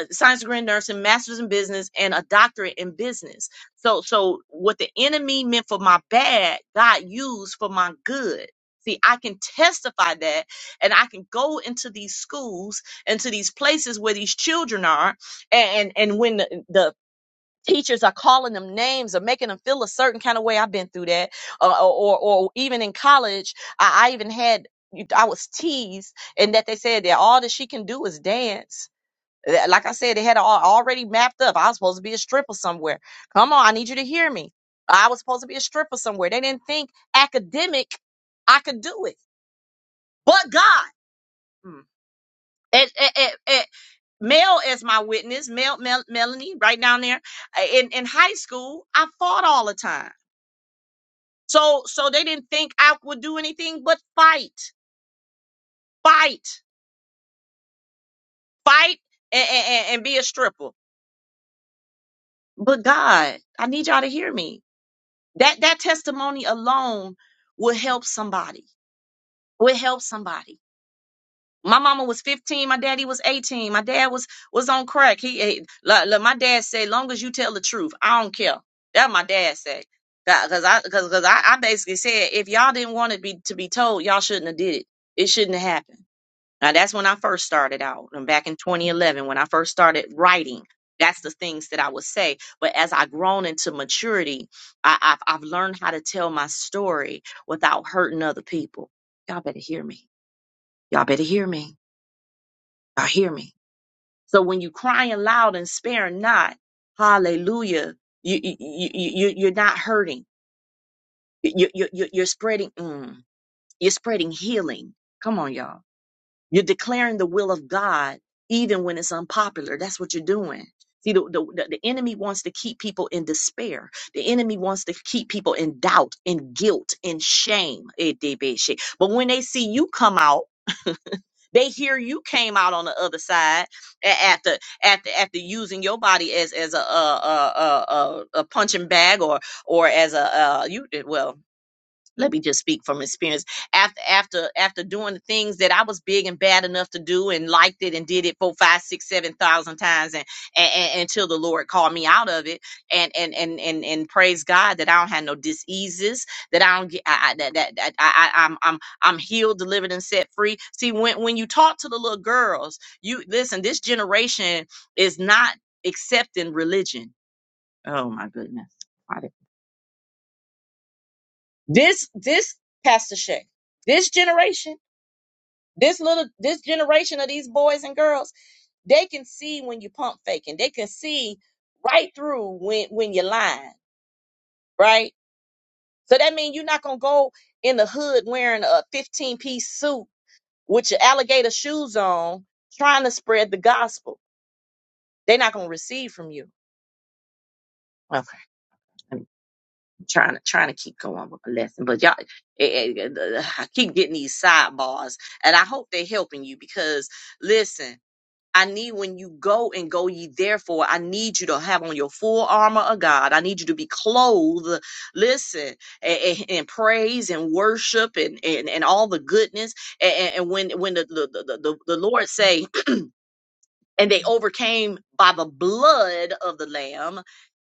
S1: uh, science degree in nursing, master's in business, and a doctorate in business. So so what the enemy meant for my bad, God used for my good. See, I can testify that and I can go into these schools, into these places where these children are, and and and when the, the teachers are calling them names or making them feel a certain kind of way i've been through that uh, or, or or even in college i, I even had i was teased and that they said that all that she can do is dance That- like i said they had it all already mapped up i was supposed to be a stripper somewhere come on i need you to hear me i was supposed to be a stripper somewhere they didn't think academic i could do it but god Mm. And, Mel as my witness, Mel, Mel Melanie, right down there Uh, in in high school. I fought all the time, so so they didn't think I would do anything but fight, fight, fight, and, and, and be a stripper. But God, I need y'all to hear me. That that testimony alone will help somebody. Will help somebody My mama was 15, my daddy was 18. My dad was was on crack. He eh, la- la- my dad said, long as you tell the truth, I don't care. That my dad said. Cause I cause, I, I basically said if y'all didn't want to be to be told, y'all shouldn't have did it. It shouldn't have happened. Now that's when I first started out. And back in 2011, when I first started writing, that's the things that I would say. But as i grown into maturity, I, I've I've learned how to tell my story without hurting other people. Y'all better hear me. Y'all better hear me now hear me. So when you crying loud and sparing not, hallelujah, you, you, you, you you're not hurting. You, you, you, you're spreading, mm, you're spreading healing. Come on, y'all. You're declaring the will of God, even when it's unpopular. That's what you're doing. See, the, the, the the enemy wants to keep people in despair. The enemy wants to keep people in doubt, in guilt, in shame. Eh, debe she. But when they see you come out, They hear you came out on the other side a- after after after using your body as as a a a, a, a a punching bag or or as a uh you well let me just speak from experience after after after doing the things that i was big and bad enough to do and liked it and did it four five six seven thousand times and, and, and until the lord called me out of it and and and and, and praise god that i don't have no diseases that i don't get I, I, that, that, that I, I i'm i'm i'm healed delivered and set free see when when you talk to the little girls you listen this generation is not accepting religion oh my goodness this this Pastor Shay, this generation, this little this generation of these boys and girls, they can see when you pump faking. They can see right through when when you're lying, right? So that means you're not gonna go in the hood wearing a 15 piece suit with your alligator shoes on, trying to spread the gospel. They're not gonna receive from you. Okay. trying to trying to keep going with my lesson. But y'all, eh, eh, eh, I keep getting these sidebars, and I hope they're helping you because listen. I need when you go and go ye therefore, I need you to have on your full armor of God. I need you to be clothed, listen, eh, eh, in praise and worship and, and, and all the goodness. And, and when when the, the, the, the, the Lord say, and they overcame by the blood of the Lamb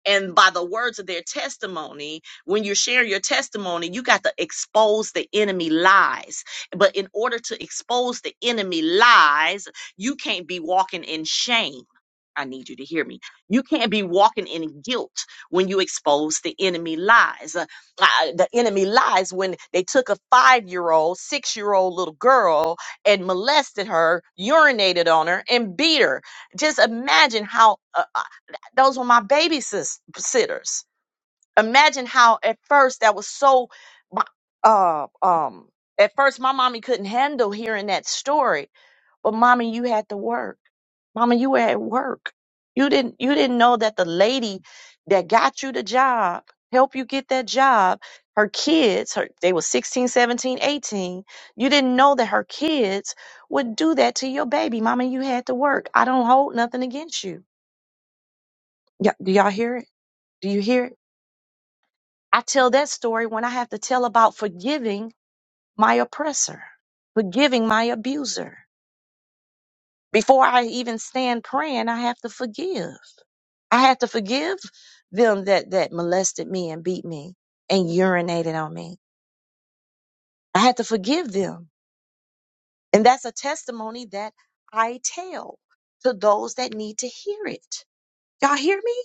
S1: and by the words of their testimony when you share your testimony you got to expose the enemy lies but in order to expose the enemy lies you can't be walking in shame I need you to hear me. You can't be walking in guilt when you expose the enemy lies. Uh, I- the enemy lies when they took a five year old, six year old little girl and molested her, urinated on her, and beat her. Just imagine how uh, uh, those were my baby sitters. Imagine how at first that was so. Uh, um, at first, my mommy couldn't handle hearing that story but mommy, you had to work. Mama, you were at work. You didn't you didn't know that the lady that got you the job, helped you get that job, her kids, her they were 16, 17, 18. You didn't know that her kids would do that to your baby. Mama, you had to work. I don't hold nothing against you. Yeah, do y'all hear it? Do you hear it? I tell that story when I have to tell about forgiving my oppressor, forgiving my abuser. Before I even stand praying, I have to forgive. I had to forgive them that that molested me and beat me and urinated on me. I had to forgive them. And that's a testimony that I tell to those that need to hear it. Y'all hear me?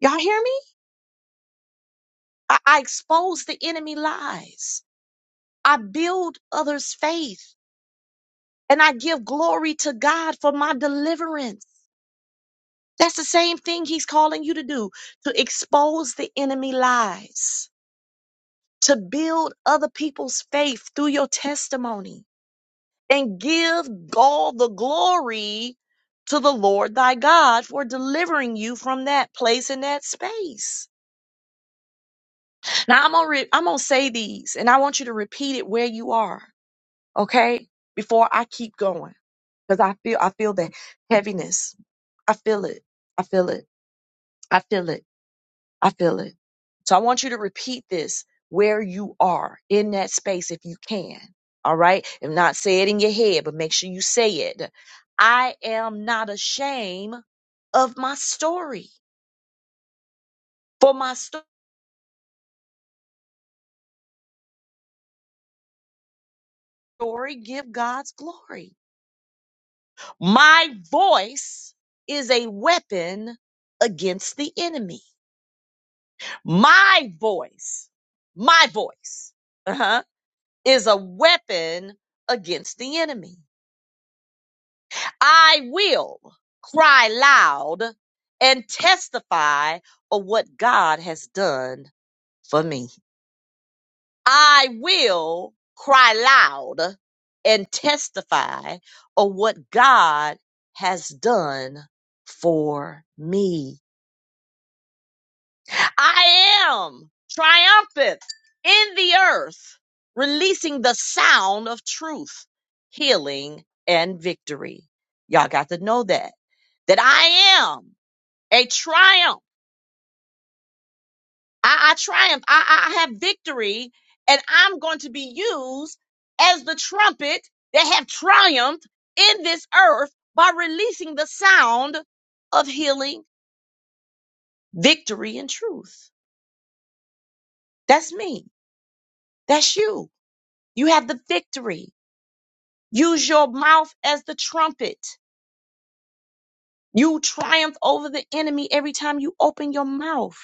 S1: Y'all hear me? I, I expose the enemy lies. I build others' faith and I give glory to God for my deliverance. That's the same thing he's calling you to do, to expose the enemy lies to build other people's faith through your testimony and give all the glory to the Lord thy God for delivering you from that place and that space. Now I'm gonna re- I'm gonna say these and I want you to repeat it where you are, okay? Before I keep going. Because I feel I feel that heaviness. I feel it. I feel it. I feel it. I feel it. So I want you to repeat this where you are in that space if you can. All right. If not, say it in your head, but make sure you say it. I am not ashamed of my story. For my story, give God's glory. My voice is a weapon against the enemy. My voice, my voice, uh-huh, is a weapon against the enemy. I will cry loud and testify of what God has done for me. I will cry loud and testify of what God has done for me. I am triumphant in the earth, releasing the sound of truth, healing, and victory. Y'all got to know that, that I am. a triumph. I, I triumph. I, I I have victory, and I'm going to be used as the trumpet that have triumphed in this earth by releasing the sound of healing, victory, and truth. That's me. That's you. You have the victory. Use your mouth as the trumpet. You triumph over the enemy every time you open your mouth,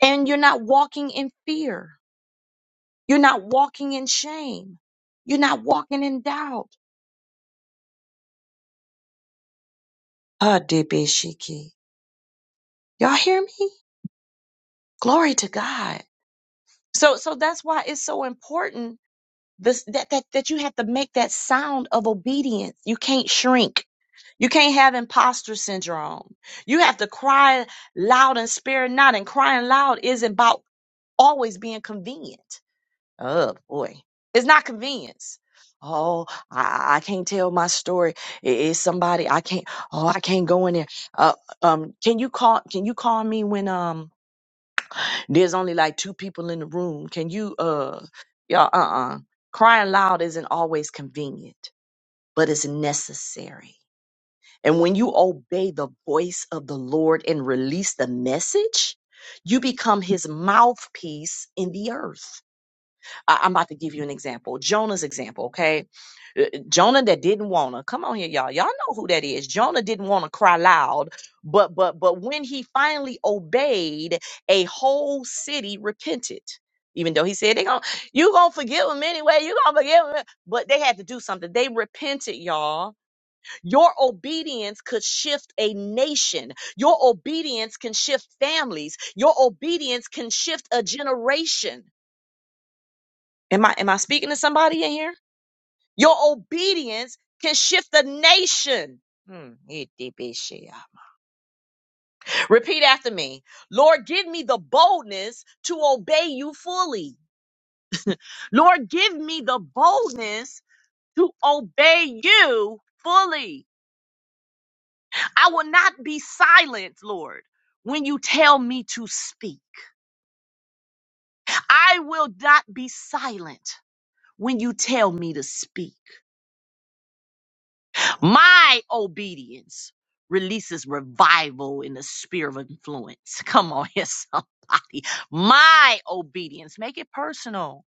S1: and you're not walking in fear. You're not walking in shame. You're not walking in doubt. Ah, Debeshiki. Y'all hear me? Glory to God. So so that's why it's so important this that, that that you have to make that sound of obedience. You can't shrink. You can't have imposter syndrome. You have to cry loud and spare not. And crying loud isn't about always being convenient. Oh boy, it's not convenience. Oh, I, I can't tell my story. I- It's somebody I can't. Oh, I can't go in there. Uh, um, can you call? Can you call me when um there's only like two people in the room? Can you uh, y'all uh uh crying loud isn't always convenient, but it's necessary. And when you obey the voice of the Lord and release the message, you become His mouthpiece in the earth. I- I'm about to give you an example. Jonah's example, okay? Uh, uh, Jonah that didn't wanna come on here, y'all. Y'all know who that is. Jonah didn't want to cry loud, but but but when he finally obeyed, a whole city repented. Even though he said they gonna you gonna forgive them anyway, you gonna forgive them, but they had to do something. They repented, y'all. Your obedience could shift a nation. Your obedience can shift families. Your obedience can shift a generation. Am I am I speaking to somebody in here? Your obedience can shift the nation. Hmm, Repeat after me. Lord, give me the boldness to obey you fully. Lord, give me the boldness to obey you fully. I will not be silent, Lord, when you tell me to speak. I will not be silent when you tell me to speak. My obedience releases revival in the sphere of influence. Come on here, somebody. My obedience, make it personal,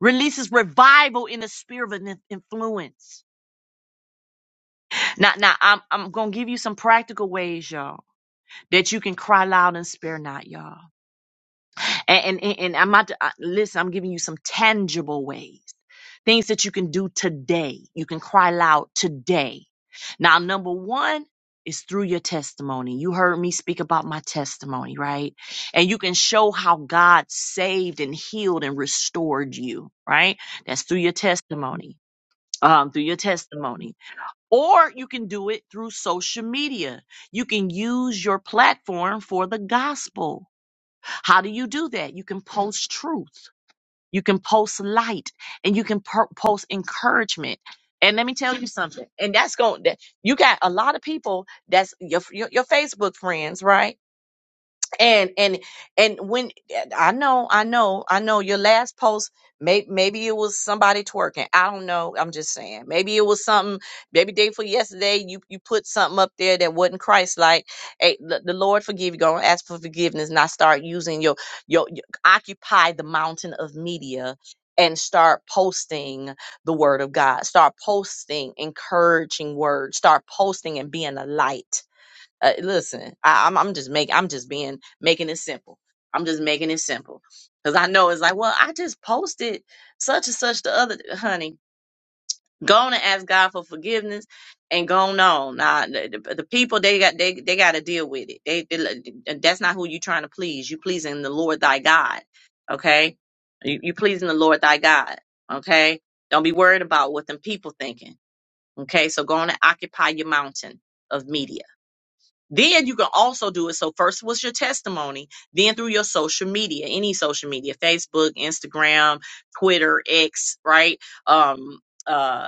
S1: releases revival in the sphere of in- influence. Now, now I'm, I'm going to give you some practical ways, y'all, that you can cry loud and spare not, y'all. And, and, and I'm not, I- listen, I'm giving you some tangible ways, things that you can do today. You can cry loud today. Now, number one is through your testimony. You heard me speak about my testimony, right? And you can show how God saved and healed and restored you, right? That's through your testimony. Um, through your testimony, or you can do it through social media. You can use your platform for the gospel how do you do that? You can post truth, you can post light, and you can po- post encouragement. And let me tell you something. And that's going that you got a lot of people that's your your, your Facebook friends, right? and and and when i know i know i know your last post may, maybe it was somebody twerking i don't know i'm just saying maybe it was something maybe day for yesterday you you put something up there that wasn't christ like hey the, the lord forgive you go and ask for forgiveness not start using your, your your occupy the mountain of media and start posting the word of god start posting encouraging words start posting and being a light uh, listen, I, I'm I'm just making I'm just being making it simple. I'm just making it simple because I know it's like, well, I just posted such and such the other honey. Go on and ask God for forgiveness, and go on. Nah, the, the the people they got they they got to deal with it. They, they that's not who you trying to please. You pleasing the Lord thy God. Okay, you you pleasing the Lord thy God. Okay, don't be worried about what them people thinking. Okay, so go on and occupy your mountain of media then you can also do it. So first was your testimony, then through your social media, any social media, Facebook, Instagram, Twitter, X, right? Um, uh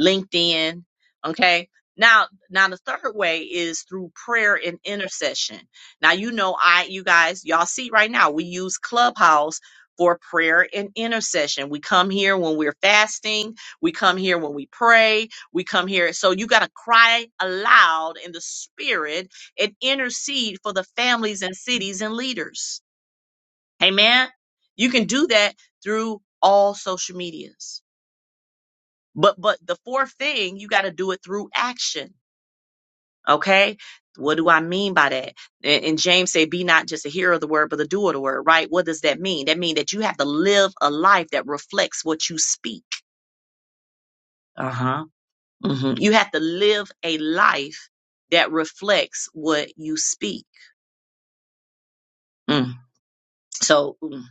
S1: LinkedIn. Okay. Now, now the third way is through prayer and intercession. Now, you know, I, you guys, y'all see right now, we use Clubhouse for prayer and intercession. We come here when we're fasting. We come here when we pray. We come here. So you got to cry aloud in the spirit and intercede for the families and cities and leaders. Amen. You can do that through all social medias. But but the fourth thing, you got to do it through action. Okay? What do I mean by that? And, and James said, be not just a hearer of the word, but a doer of the word, right? What does that mean? That means that you have to live a life that reflects what you speak. Uh-huh. hmm You have to live a life that reflects what you speak. Mm. So mm,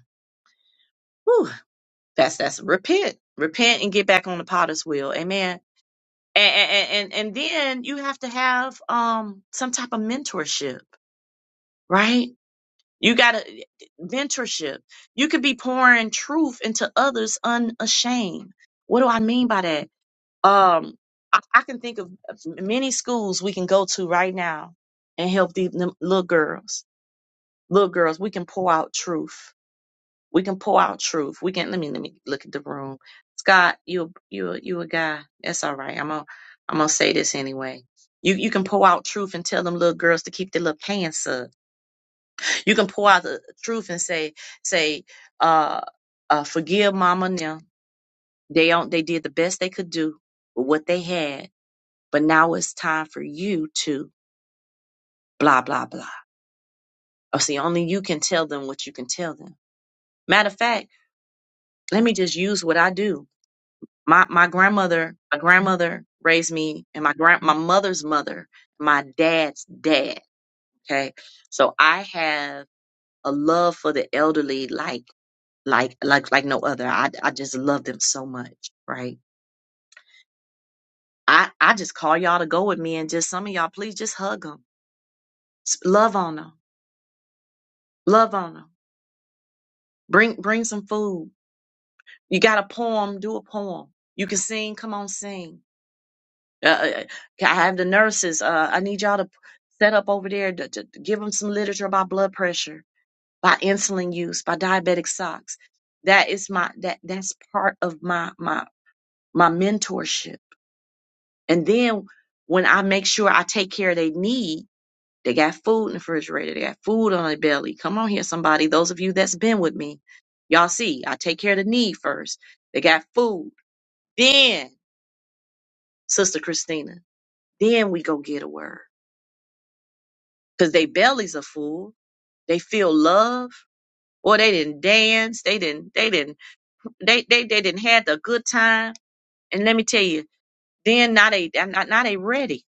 S1: whew, that's that's repent. Repent and get back on the potter's wheel. Amen. And, and and and then you have to have um some type of mentorship right? You got to mentorship. You could be pouring truth into others unashamed. What do I mean by that? Um, I, I can think of many schools we can go to right now and help these them little girls. Little girls, we can pour out truth. We can pour out truth. We can. Let me let me look at the room. Scott, you you you a guy. That's all right. I'm gonna I'm gonna say this anyway. You you can pour out truth and tell them little girls to keep their little pants up you can pour out the truth and say, say, uh, uh, forgive mama now. They don't, they did the best they could do with what they had, but now it's time for you to blah, blah, blah. Oh, see, only you can tell them what you can tell them. Matter of fact, let me just use what I do. My, my grandmother, my grandmother raised me and my grand, my mother's mother, my dad's dad. Okay. So I have a love for the elderly, like like like like no other. I I just love them so much, right? I I just call y'all to go with me, and just some of y'all, please just hug them, love on them, love on them. Bring bring some food. You got a poem, do a poem. You can sing, come on, sing. Uh, uh, uh, I have the nurses. Uh, I need y'all to p- set up over there to, to to give them some literature about blood pressure, by insulin use, by diabetic socks. That is my that that's part of my my my mentorship And then when I make sure I take care of their need, they got food in the refrigerator, they got food on their belly. Come on here, somebody. Those of you that's been with me, y'all see, I take care of the need first. They got food. Then, Sister Christina, then we go get a word. Because their bellies are full. They feel love. Or they didn't dance. They didn't, they didn't, they, they, they didn't have the good time. And let me tell you, then now they, now now they ready.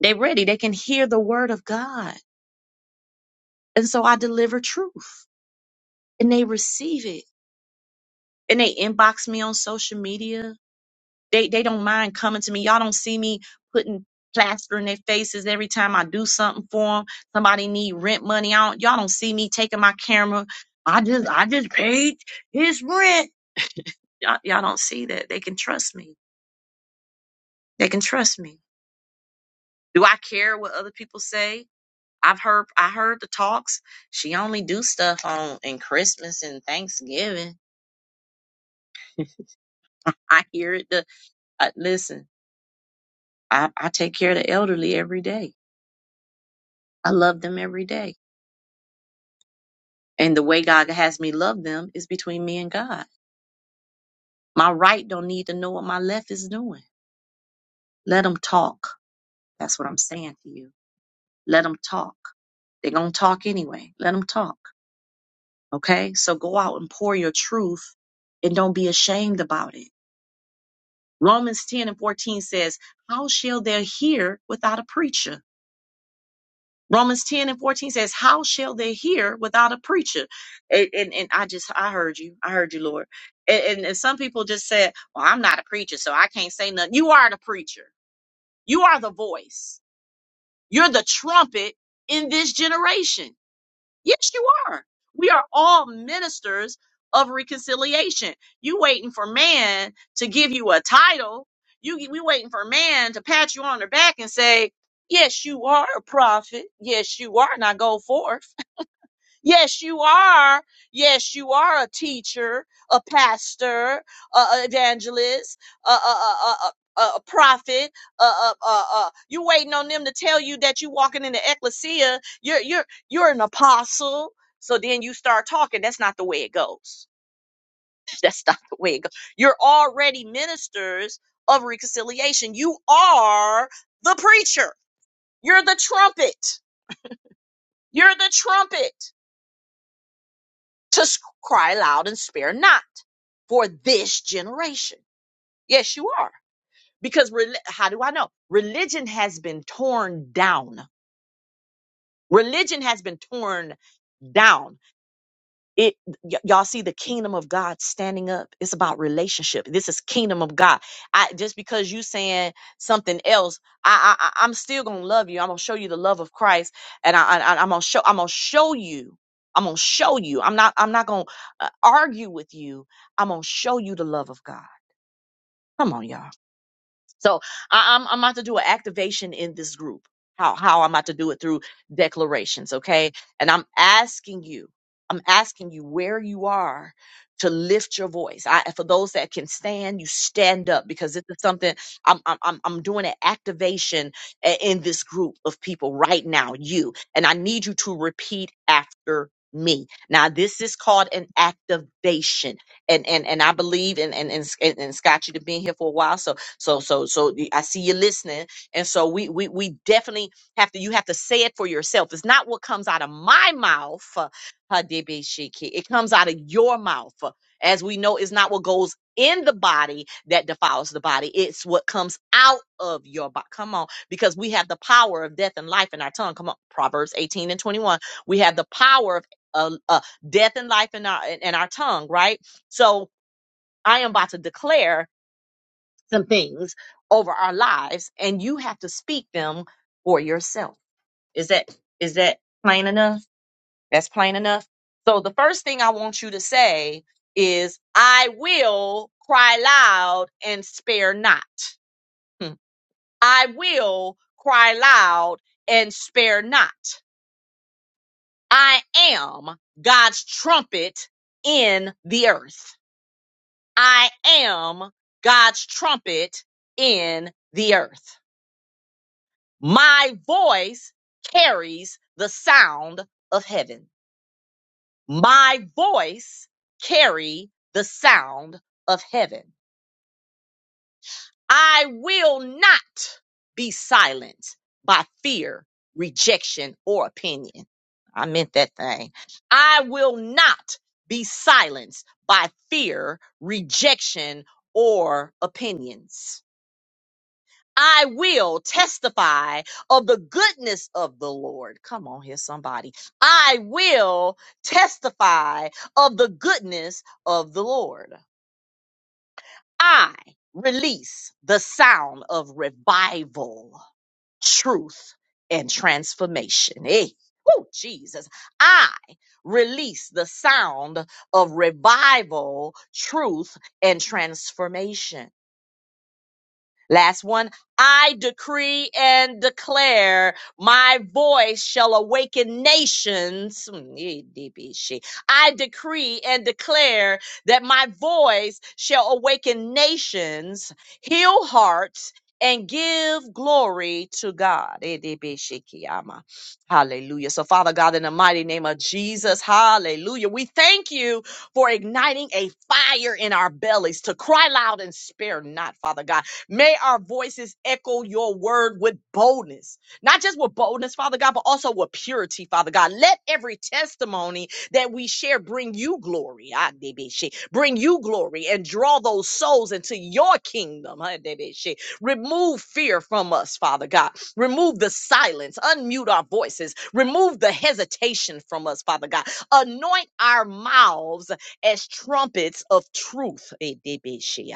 S1: They ready. They can hear the word of God And so I deliver truth and they receive it and they inbox me on social media. They, they don't mind coming to me. Y'all don't see me putting plaster in their faces every time I do something for them. Somebody need rent money. I don't, y'all don't see me taking my camera. I just, I just paid his rent. Y'all, y'all don't see that. They can trust me. They can trust me. Do I care what other people say? I've heard, I heard the talks. She only do stuff on in Christmas and Thanksgiving. I hear it. I, listen, I, I take care of the elderly every day. I love them every day. And the way God has me love them is between me and God. My right don't need to know what my left is doing. Let them talk. That's what I'm saying to you. Let them talk. They're going to talk anyway. Let them talk. Okay? So go out and pour your truth and don't be ashamed about it. Romans 10 and 14 says, How shall they hear without a preacher? Romans 10 and 14 says, How shall they hear without a preacher? And, and, and I just, I heard you. I heard you, Lord. And, and, and some people just said, Well, I'm not a preacher, so I can't say nothing. You are the preacher. You are the voice. You're the trumpet in this generation. Yes, you are. We are all ministers of reconciliation. You waiting for man to give you a title. You we waiting for man to pat you on the back and say, "Yes, you are a prophet. Yes, you are." Now go forth. Yes, you are. Yes, you are a teacher, a pastor, a, a evangelist, a, a, a, a, a a prophet. A, a, a, a, you waiting on them to tell you that you walking in the ecclesia. You're you're you're an apostle. So then you start talking. That's not the way it goes. That's not the way it goes. You're already ministers of reconciliation. You are the preacher. You're the trumpet. You're the trumpet. to cry loud and spare not for this generation. Yes, you are. Because rel- how do I know? Religion has been torn down. Religion has been torn down it y- y'all see the kingdom of god standing up it's about relationship this is kingdom of god i just because you saying something else i i I- i'm still gonna love you i'm gonna show you the love of christ and i, I i'm gonna show i'm gonna show you i'm gonna show you i'm not i'm not gonna uh, argue with you i'm gonna show you the love of god come on y'all so I, I'm I'm about to do an activation in this group. How how I'm about to do it through declarations, okay? And I'm asking you, I'm asking you where you are to lift your voice. I for those that can stand, you stand up because this is something I'm I'm I'm I'm doing an activation i- in this group of people right now. You and I need you to repeat after me. Now this is called an activation and and and I believe in and and and Scott, you've been here for a while, so so so so the- I see you listening, and so we we we definitely have to. You have to say it for yourself. It's not what comes out of my mouth, uh, Hadibishiki. It comes out of your mouth, Uh, as we know. It's not what goes in the body that defiles the body. It's what comes out of your body. Come on, because we have the power of death and life in our tongue. Come on, Proverbs eighteen and twenty one. We have the power of uh, uh, death and life in our in in our tongue. Right. So I am about to declare some things over our lives and you have to speak them for yourself. Is that is that plain enough? That's plain enough. So the first thing I want you to say is I will cry loud and spare not. Hmm. I will cry loud and spare not. I am God's trumpet in the earth. I am God's trumpet in the earth. My voice carries the sound of heaven. My voice carry the sound of heaven. I will not be silenced by fear, rejection, or opinion. I meant that thing. I will not be silenced by fear, rejection, or opinions. I will testify of the goodness of the Lord. Come on here, somebody. I will testify of the goodness of the Lord. I release the sound of revival, truth, and transformation. Hey. Oh, Jesus. I release the sound of revival, truth, and transformation. Last one. I decree and declare my voice shall awaken nations. Mm, eh, DB, she. I decree and declare that my voice shall awaken nations, heal hearts, and give glory to God. Eh, DB, she, Kiyama. Hallelujah. So, Father God, in the mighty name of Jesus, hallelujah. We thank you for igniting a fire in our bellies to cry loud and spare not, Father God May our voices echo your word with boldness, not just with boldness, Father God, but also with purity, Father God. Let every testimony that we share bring you glory, ah, baby, shit. bring you glory and draw those souls into your kingdom. ah, baby, shit. Remove fear from us, Father God. Remove the silence, unmute our voices, remove the hesitation from us, Father God. Anoint our mouths as trumpets of truth. Eh, de- be- she- ah.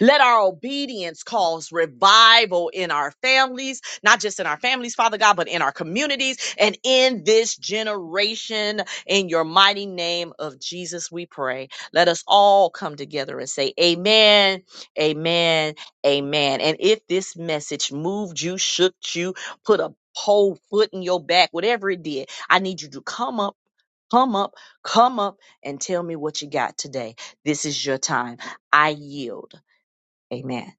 S1: Let our obedience cause revival in our families, not just in our families, Father God, but in our communities and in this generation. In your mighty name of Jesus, we pray. Let us all come together and say, Amen, Amen, Amen. And if this message moved you, shook you, put a whole foot in your back, whatever it did, I need you to come up come up, come up and tell me what you got today. This is your time. I yield. Amen.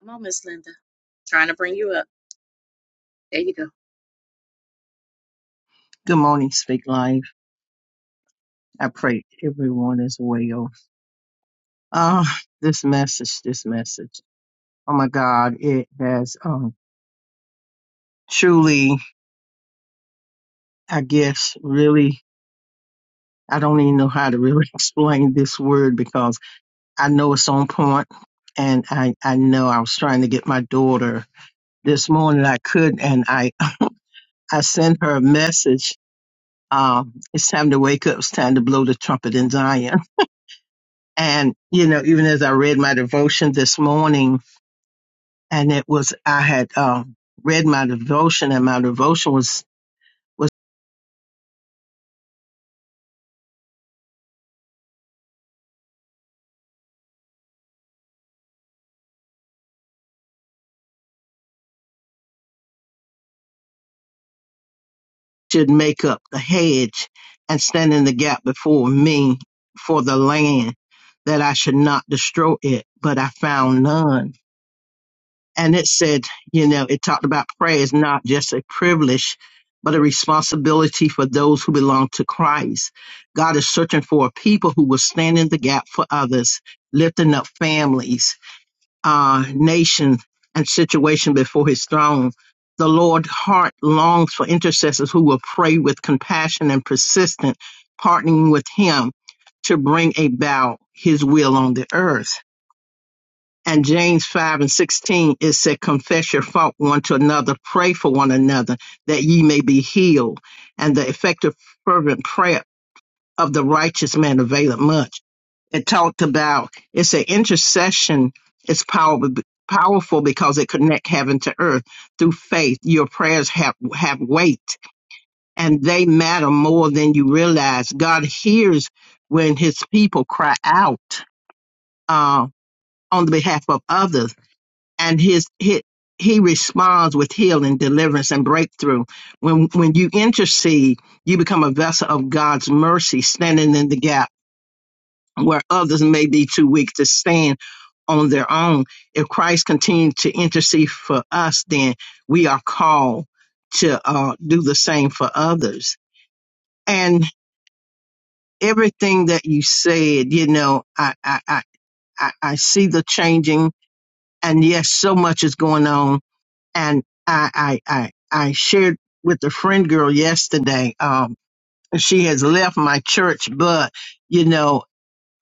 S1: Come on, Miss Linda. Trying to bring you up. There you go.
S3: Good morning, Speak Life. I pray everyone is well. Uh, this message, this message. Oh my God, it has um truly, I guess, really I don't even know how to really explain this word because I know it's on point and I, I know I was trying to get my daughter this morning. I couldn't and I, I sent her a message. Um, it's time to wake up, it's time to blow the trumpet in Zion. And, you know, even as I read my devotion this morning, and it was I had um, read my devotion, and my devotion was was should make up the hedge and stand in the gap before me for the land that I should not destroy it, but I found none. And it said, you know, it talked about prayer is not just a privilege, but a responsibility for those who belong to Christ. God is searching for a people who will stand in the gap for others, lifting up families, uh, nation and situation before his throne. The Lord's heart longs for intercessors who will pray with compassion and persistence, partnering with him to bring about his will on the earth. And James 5 and 16, it said, Confess your fault one to another, pray for one another, that ye may be healed. And the effective, fervent prayer of the righteous man availeth much. It talked about it's an intercession. It's power powerful because it connect heaven to earth through faith. Your prayers have have weight, and they matter more than you realize. God hears when His people cry out uh, on the behalf of others, and His He, he responds with healing, deliverance, and breakthrough. When when you intercede, you become a vessel of God's mercy, standing in the gap where others may be too weak to stand on their own. If Christ continues to intercede for us, then we are called to uh, do the same for others. And everything that you said, you know, I, I, I, I I see the changing, and yes, so much is going on. And I, I, I, I shared with a friend girl yesterday. Um, she has left my church, but you know.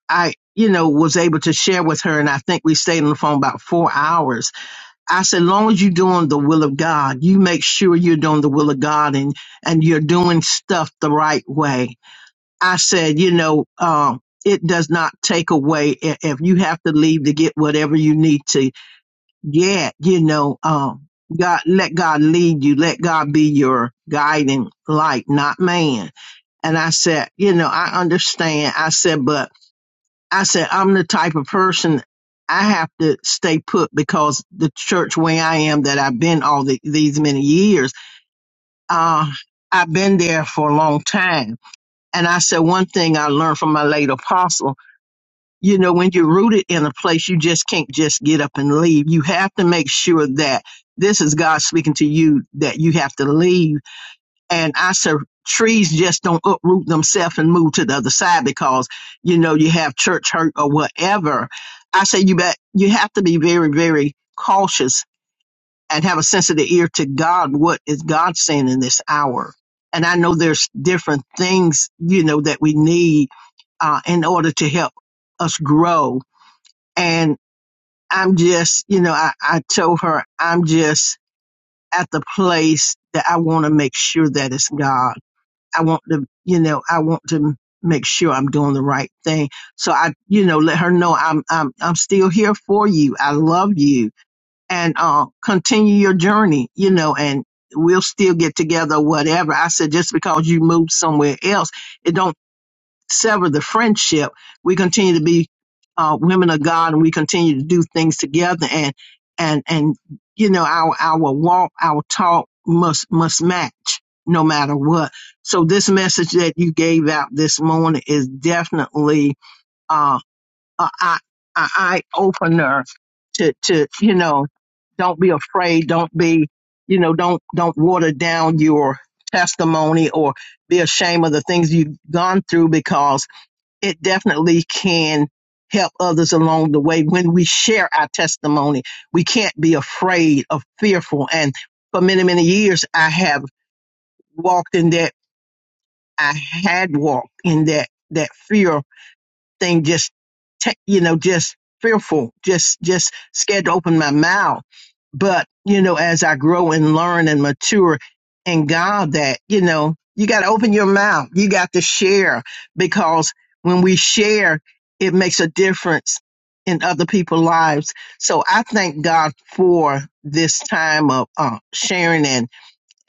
S3: I, you know, was able to share with her, and I think we stayed on the phone about four hours. I said, long as you're doing the will of God, you make sure you're doing the will of God and and you're doing stuff the right way. I said, you know, um, it does not take away i- if you have to leave to get whatever you need to get. You know, um, God, let God lead you. Let God be your guiding light, not man. And I said, you know, I understand. I said, but I said, I'm the type of person I have to stay put because the church where I am that I've been all the, these many years, uh, I've been there for a long time. And I said, one thing I learned from my late apostle, you know, when you're rooted in a place, you just can't just get up and leave. You have to make sure that this is God speaking to you, that you have to leave and I said trees just don't uproot themselves and move to the other side because you know you have church hurt or whatever. I say you bet you have to be very very cautious and have a sensitive ear to God. What is God saying in this hour? And I know there's different things you know that we need uh, in order to help us grow. And I'm just you know I, I told her I'm just at the place that I want to make sure that it's God I want to, you know, I want to make sure I'm doing the right thing. So I, you know, let her know I'm, I'm, I'm still here for you. I love you and, uh, continue your journey, you know, and we'll still get together, whatever. I said, just because you moved somewhere else, it don't sever the friendship. We continue to be uh, women of God, and we continue to do things together, and and and you know our our walk, our talk must must match no matter what. So this message that you gave out this morning is definitely uh, a, a, a eye opener to to you know don't be afraid, don't be you know don't don't water down your testimony or be ashamed of the things you've gone through because it definitely can help others along the way when we share our testimony. We can't be afraid of fearful. And for many, many years, I have walked in that. I had walked in that, that fear thing just te- you know just fearful just just scared to open my mouth but you know as i grow and learn and mature in god that you know you got to open your mouth you got to share because when we share it makes a difference in other people's lives so i thank god for this time of uh, sharing and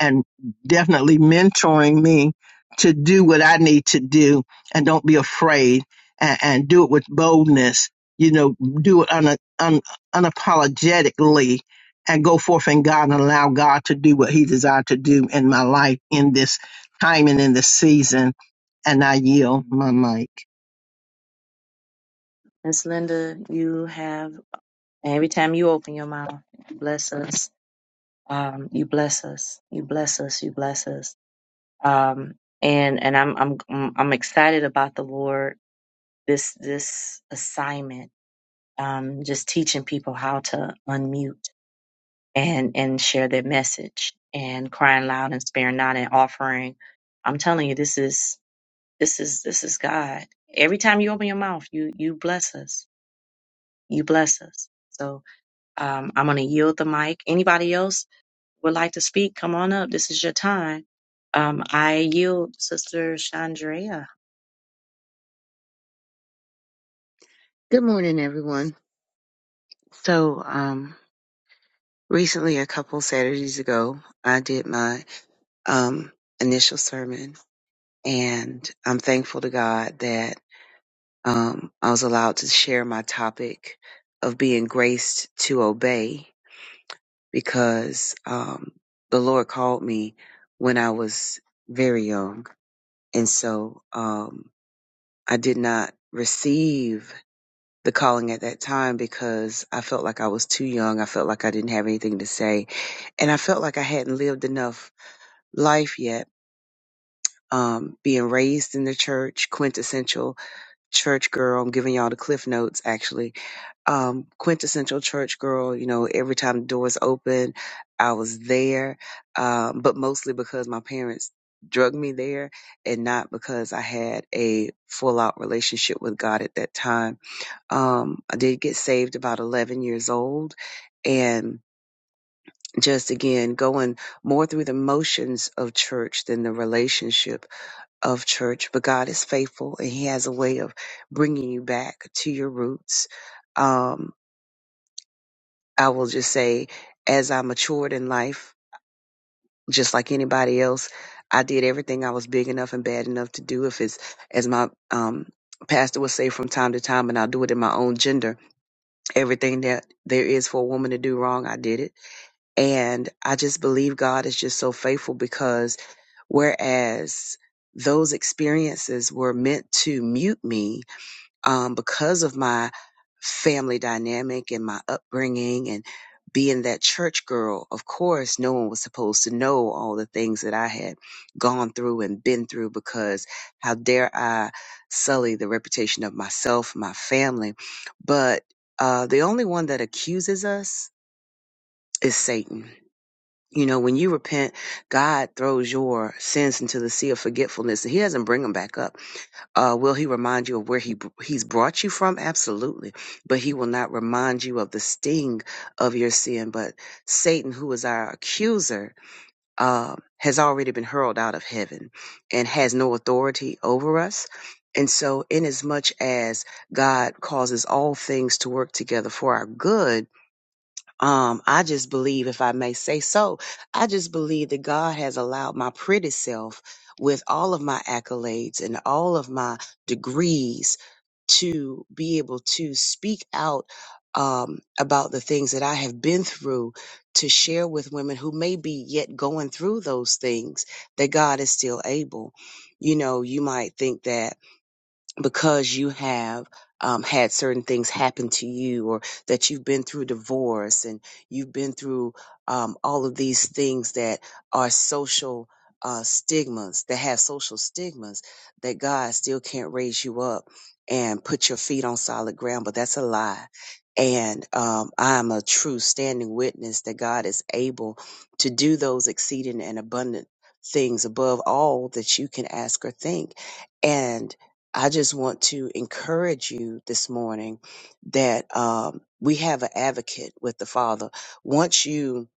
S3: and definitely mentoring me to do what I need to do and don't be afraid and, and do it with boldness, you know, do it un, un, unapologetically and go forth in God and allow God to do what he desired to do in my life in this time and in this season. And I yield my mic.
S1: Miss Linda, you have every time you open your mouth, you bless us. Um, you bless us. You bless us. You bless us. Um, and and I'm I'm I'm I'm excited about the Lord this this assignment, um, just teaching people how to unmute and and share their message and crying loud and sparing not and offering. I'm telling you, this is this is this is God. Every time you open your mouth, you you bless us. You bless us. So um, I'm going to yield the mic. Anybody else would like to speak? Come on up. This is your time. Um, I yield, Sister Chandrea,
S4: Good morning, everyone. So, um, recently, a couple Saturdays ago, I did my um, initial sermon, and I'm thankful to God that um, I was allowed to share my topic of being graced to obey because um, the Lord called me when I was very young. And so um, I did not receive the calling at that time because I felt like I was too young. I felt like I didn't have anything to say. And I felt like I hadn't lived enough life yet. Um, being raised in the church, quintessential church girl. I'm giving y'all the cliff notes actually. Um, quintessential church girl, you know, every time the doors open, I was there. Um, but mostly because my parents drug me there and not because I had a full out relationship with God at that time um, I did get saved about 11 years old and just again going more through the motions of church than the relationship of church. But God is faithful and He has a way of bringing you back to your roots. Um, I will just say, as I matured in life, just like anybody else, I did everything I was big enough and bad enough to do. If it's as my um, pastor would say from time to time, and I'll do it in my own gender everything that there is for a woman to do wrong, I did it. And I just believe God is just so faithful because whereas those experiences were meant to mute me, um, because of my family dynamic and my upbringing and being that church girl, of course, no one was supposed to know all the things that I had gone through and been through because how dare I sully the reputation of myself, my family. But uh, the only one that accuses us is Satan. You know, when you repent, God throws your sins into the sea of forgetfulness and he doesn't bring them back up. Uh, will he remind you of where he he's brought you from? Absolutely, but he will not remind you of the sting of your sin. But Satan, who is our accuser, uh, has already been hurled out of heaven and has no authority over us. And so, inasmuch as God causes all things to work together for our good, um, I just believe, if I may say so, I just believe that God has allowed my pretty self with all of my accolades and all of my degrees to be able to speak out um, about the things that I have been through to share with women who may be yet going through those things that God is still able. You know, you might think that because you have um, had certain things happen to you or that you've been through divorce and you've been through um, all of these things that are social uh, stigmas that have social stigmas that god still can't raise you up and put your feet on solid ground but that's a lie and um, i'm a true standing witness that god is able to do those exceeding and abundant things above all that you can ask or think and. I just want to encourage you this morning that um, we have an advocate with the Father. Once you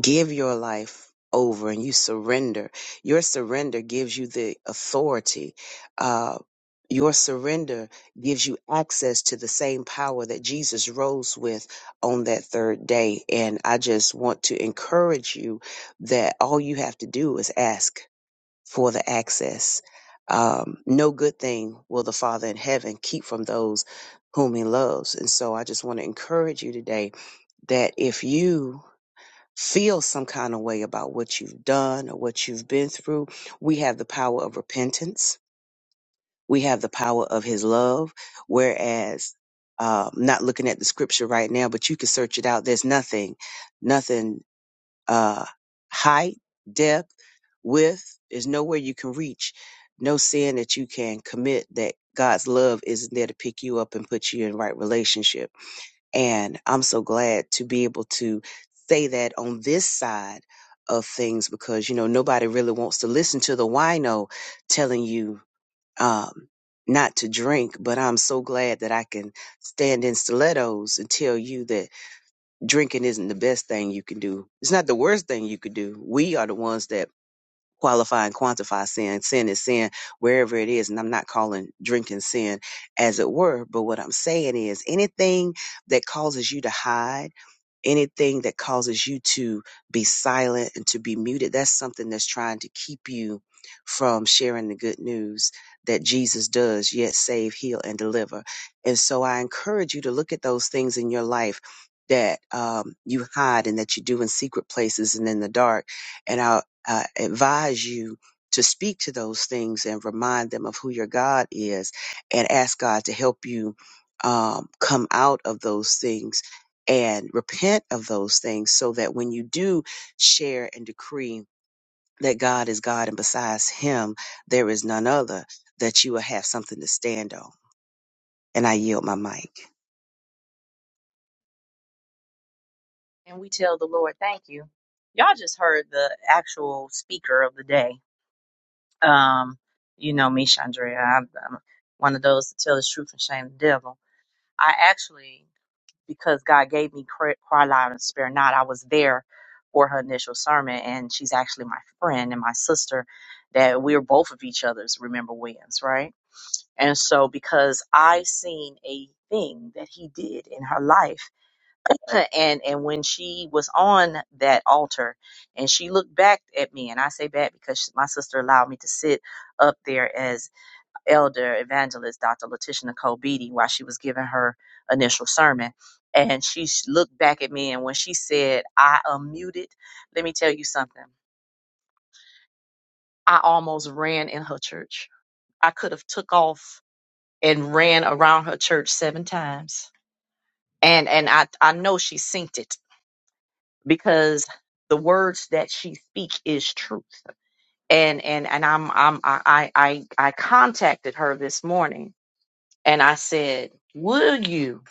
S4: give your life over and you surrender, your surrender gives you the authority. Uh, your surrender gives you access to the same power that Jesus rose with on that third day. And I just want to encourage you that all you have to do is ask for the access. Um, no good thing will the Father in heaven keep from those whom he loves. And so I just want to encourage you today that if you feel some kind of way about what you've done or what you've been through, we have the power of repentance. We have the power of his love. Whereas, um, not looking at the scripture right now, but you can search it out. There's nothing, nothing, uh, height, depth with is nowhere you can reach, no sin that you can commit that God's love isn't there to pick you up and put you in right relationship. And I'm so glad to be able to say that on this side of things because you know nobody really wants to listen to the wino telling you um not to drink, but I'm so glad that I can stand in stilettos and tell you that drinking isn't the best thing you can do. It's not the worst thing you could do. We are the ones that qualify and quantify sin. Sin is sin wherever it is. And I'm not calling drinking sin as it were. But what I'm saying is anything that causes you to hide anything that causes you to be silent and to be muted, that's something that's trying to keep you from sharing the good news that Jesus does, yet save, heal, and deliver. And so I encourage you to look at those things in your life that um, you hide and that you do in secret places and in the dark. And I uh, advise you to speak to those things and remind them of who your God is and ask God to help you um, come out of those things and repent of those things so that when you do share and decree that God is God and besides him there is none other, that you will have something to stand on. And I yield my mic.
S1: and we tell the Lord, thank you. Y'all just heard the actual speaker of the day Um, you know me, Chandra. I'm, I'm one of those to tell the truth and shame the devil. I actually, because God gave me cry, cry loud and spare not, I was there for her initial sermon, and she's actually my friend and my sister. That we're both of each other's remember wins, right? And so, because I seen a thing that he did in her life and and when she was on that altar and she looked back at me and i say back because my sister allowed me to sit up there as elder evangelist dr letitia nicole beatty while she was giving her initial sermon and she s- looked back at me and when she said i unmuted let me tell you something i almost ran in her church i could have took off and ran around her church seven times and and i i know she synced it because the words that she speak is truth. And and and I'm I'm I I I I contacted her this morning and I said, "Will you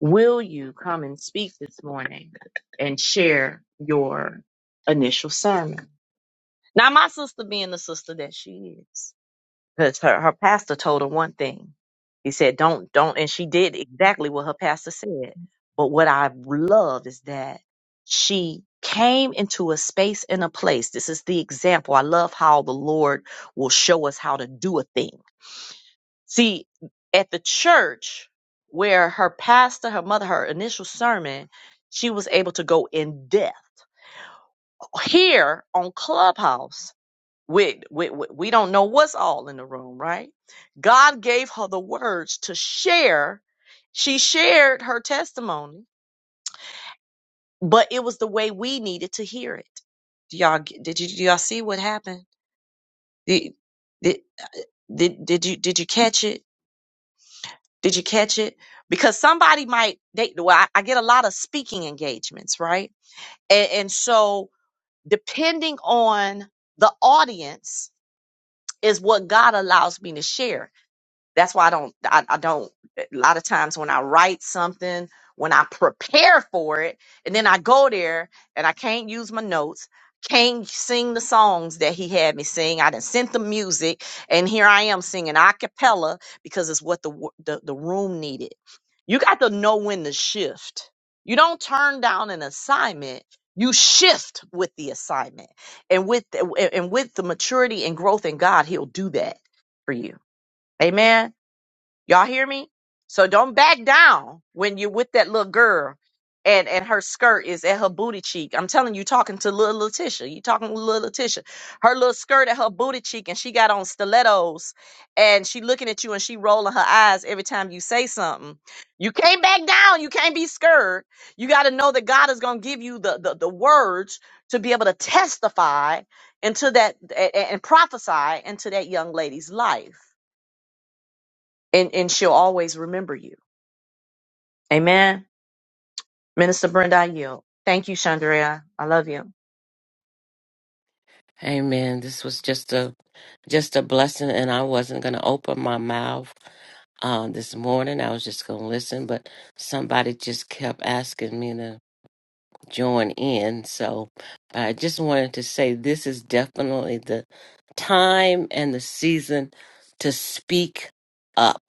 S1: will you come and speak this morning and share your initial sermon?" Now, my sister being the sister that she is, because her, her pastor told her one thing. He said, "Don't, don't," and she did exactly what her pastor said. But what I love is that she came into a space and a place. This is the example. I love how the Lord will show us how to do a thing. See, at the church where her pastor, her mother, her initial sermon, she was able to go in depth. Here on Clubhouse, we, we, we we don't know what's all in the room, right? God gave her the words to share. She shared her testimony, but it was the way we needed to hear it. Do y'all get- did you do y'all see what happened? Did, did uh, did did you did you catch it? Did you catch it? Because somebody might they well, I, I get a lot of speaking engagements, right? And, and so depending on the audience is what God allows me to share That's why I don't, I, I don't, eh, a lot of times when I write something, when I prepare for it, and then I go there and I can't use my notes, can't sing the songs that he had me sing. I done sent the music, and here I am singing a cappella because it's what the, wo- the, the room needed. You got to know when to shift. You don't turn down an assignment. You shift with the assignment, and with and with the maturity and growth in God, He'll do that for you. Amen. Y'all hear me? So don't back down when you're with that little girl and, and her skirt is at her booty cheek. I'm telling you, talking to little Letitia. You talking to little Letitia. Her little skirt at her booty cheek and she got on stilettos and she looking at you and she rolling her eyes every time you say something. You can't back down. You can't be scared. You got to know that God is going to give you the, the, the words to be able to testify into that and, and prophesy into that young lady's life. And, and she'll always remember you. Amen. Minister Brenda, I yield. Thank you, Chandrea. I love you.
S5: Amen. This was just a just a blessing, and I wasn't going to open my mouth um, this morning. I was just going to listen, but somebody just kept asking me to join in. So I just wanted to say this is definitely the time and the season to speak up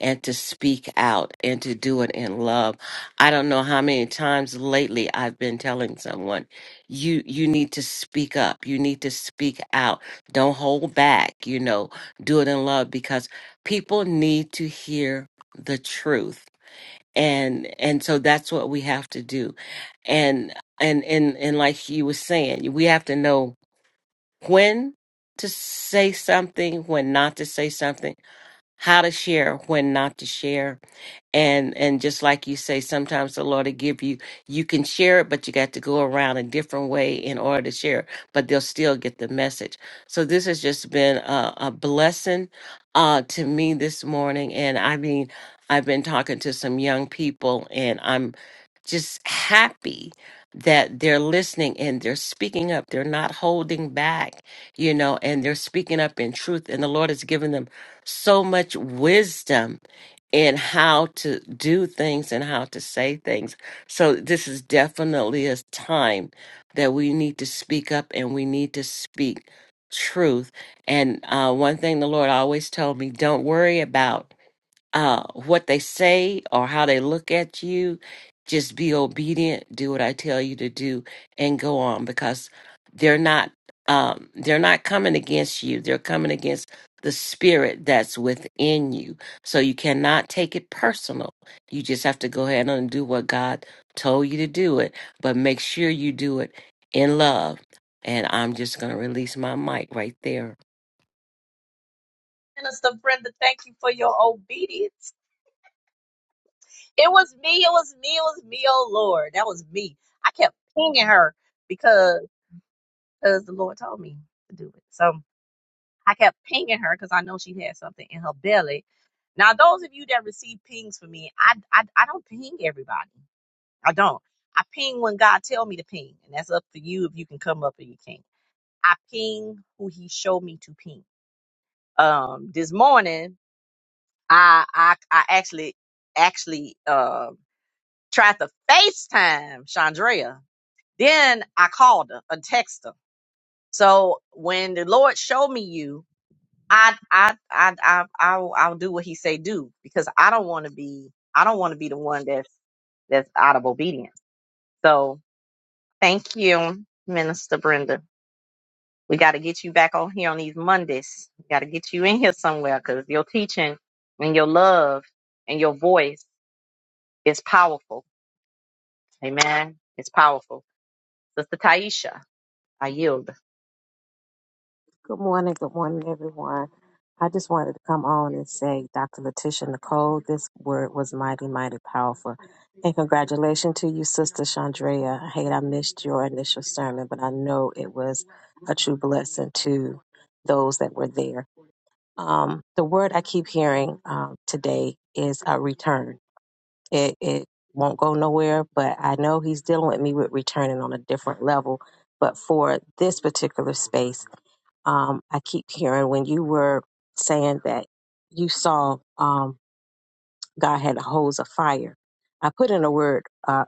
S5: and to speak out and to do it in love. I don't know how many times lately I've been telling someone, you you need to speak up. You need to speak out. Don't hold back, you know. Do it in love because people need to hear the truth. And and so that's what we have to do. And and and and like you were saying, we have to know when to say something, when not to say something, how to share, when not to share and and just like you say sometimes the lord will give you you can share it but you got to go around a different way in order to share it, but they'll still get the message so this has just been a, a blessing uh to me this morning and i mean i've been talking to some young people and i'm just happy that they're listening and they're speaking up they're not holding back you know and they're speaking up in truth and the lord has given them so much wisdom and how to do things and how to say things. So this is definitely a time that we need to speak up and we need to speak truth. And uh, one thing the Lord always told me: don't worry about uh, what they say or how they look at you. Just be obedient, do what I tell you to do, and go on because they're not um, they're not coming against you. They're coming against the spirit that's within you. So you cannot take it personal. You just have to go ahead and do what God told you to do it, but make sure you do it in love. And I'm just going to release my mic right there.
S1: It was me. I came because the Lord told me to do it. So I kept pinging her because I know she had something in her belly. Now, those of you that receive pings from me, I, I I don't ping everybody. I don't. I ping when God tell me to ping, and that's up to you if you can come up or you can't. I ping who He showed me to ping. Um, this morning, I I I actually actually um. tried to FaceTime Chandrea. Then I called her and texted her. So when the Lord showed me you, I I I I I'll, I'll do what He say do because I don't want to be I don't want to be the one that's that's out of obedience. So thank you, Minister Brenda. We got to get you back on here on these Mondays. We got to get you in here somewhere because your teaching and your love and your voice is powerful. Amen. It's powerful. Sister Taisha, I yield.
S6: Good morning. Good morning, everyone. I just wanted to come on and say, Dr. Letitia Nicole, this word was mighty, mighty powerful. And congratulations to you, Sister Chandrea. I hate I missed your initial sermon, but I know it was a true blessing to those that were there. Um, the word I keep hearing um, today is a return. It, it won't go nowhere, but I know he's dealing with me with returning on a different level. But for this particular space, um, I keep hearing when you were saying that you saw um, God had a hose of fire. I put in a word uh,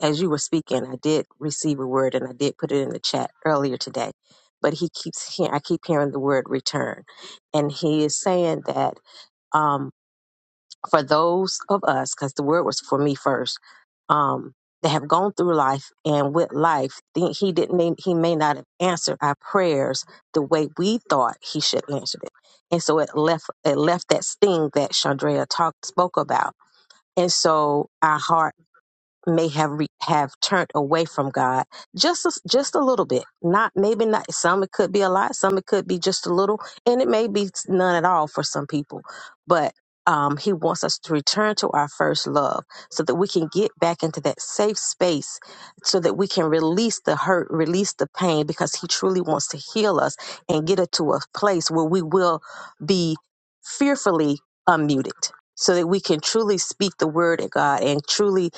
S6: as you were speaking. I did receive a word, and I did put it in the chat earlier today. But he keeps hearing. I keep hearing the word return, and he is saying that. Um, for those of us, because the word was for me first, um, that have gone through life and with life, think he didn't he may not have answered our prayers the way we thought he should answer it. And so it left it left that sting that Chandrea talked spoke about. And so our heart may have re- have turned away from God just a, just a little bit. Not maybe not some it could be a lot, some it could be just a little, and it may be none at all for some people. But um, he wants us to return to our first love so that we can get back into that safe space so that we can release the hurt, release the pain because he truly wants to heal us and get it to a place where we will be fearfully unmuted so that we can truly speak the word of God and truly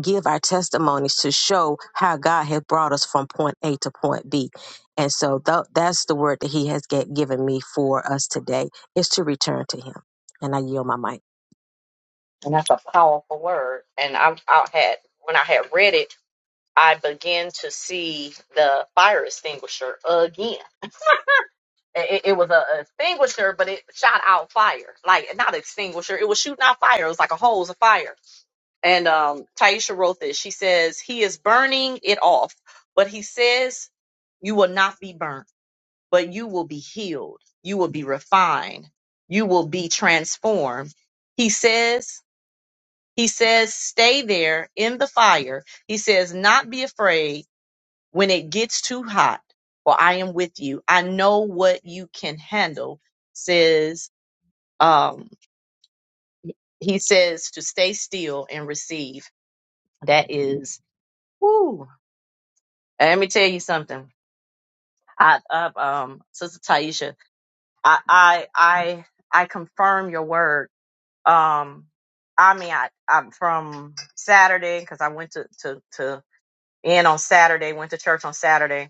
S6: give our testimonies to show how God has brought us from point A to point B. And so tho- that's the word that He has get, given me for us today is to return to Him. And I yield my mic.
S1: had read it, I began to see the fire extinguisher again. It, it- was a extinguisher, but it shot out fire. Like not extinguisher, it was shooting out fire. It was like a hose of fire. And um, Taisha wrote this. She says he is burning it off, but he says you will not be burnt, but you will be healed. You will be refined. You will be transformed. He says. He says, stay there in the fire. He says, not be afraid when it gets too hot, for I am with you. I know what you can handle, says um he says to stay still and receive. That is whoo. And Let me tell you something. I, I um Sister Taisha, I I I I confirm your word. Um I mean I I'm from Saturday because I went to to to in on Saturday, went to church on Saturday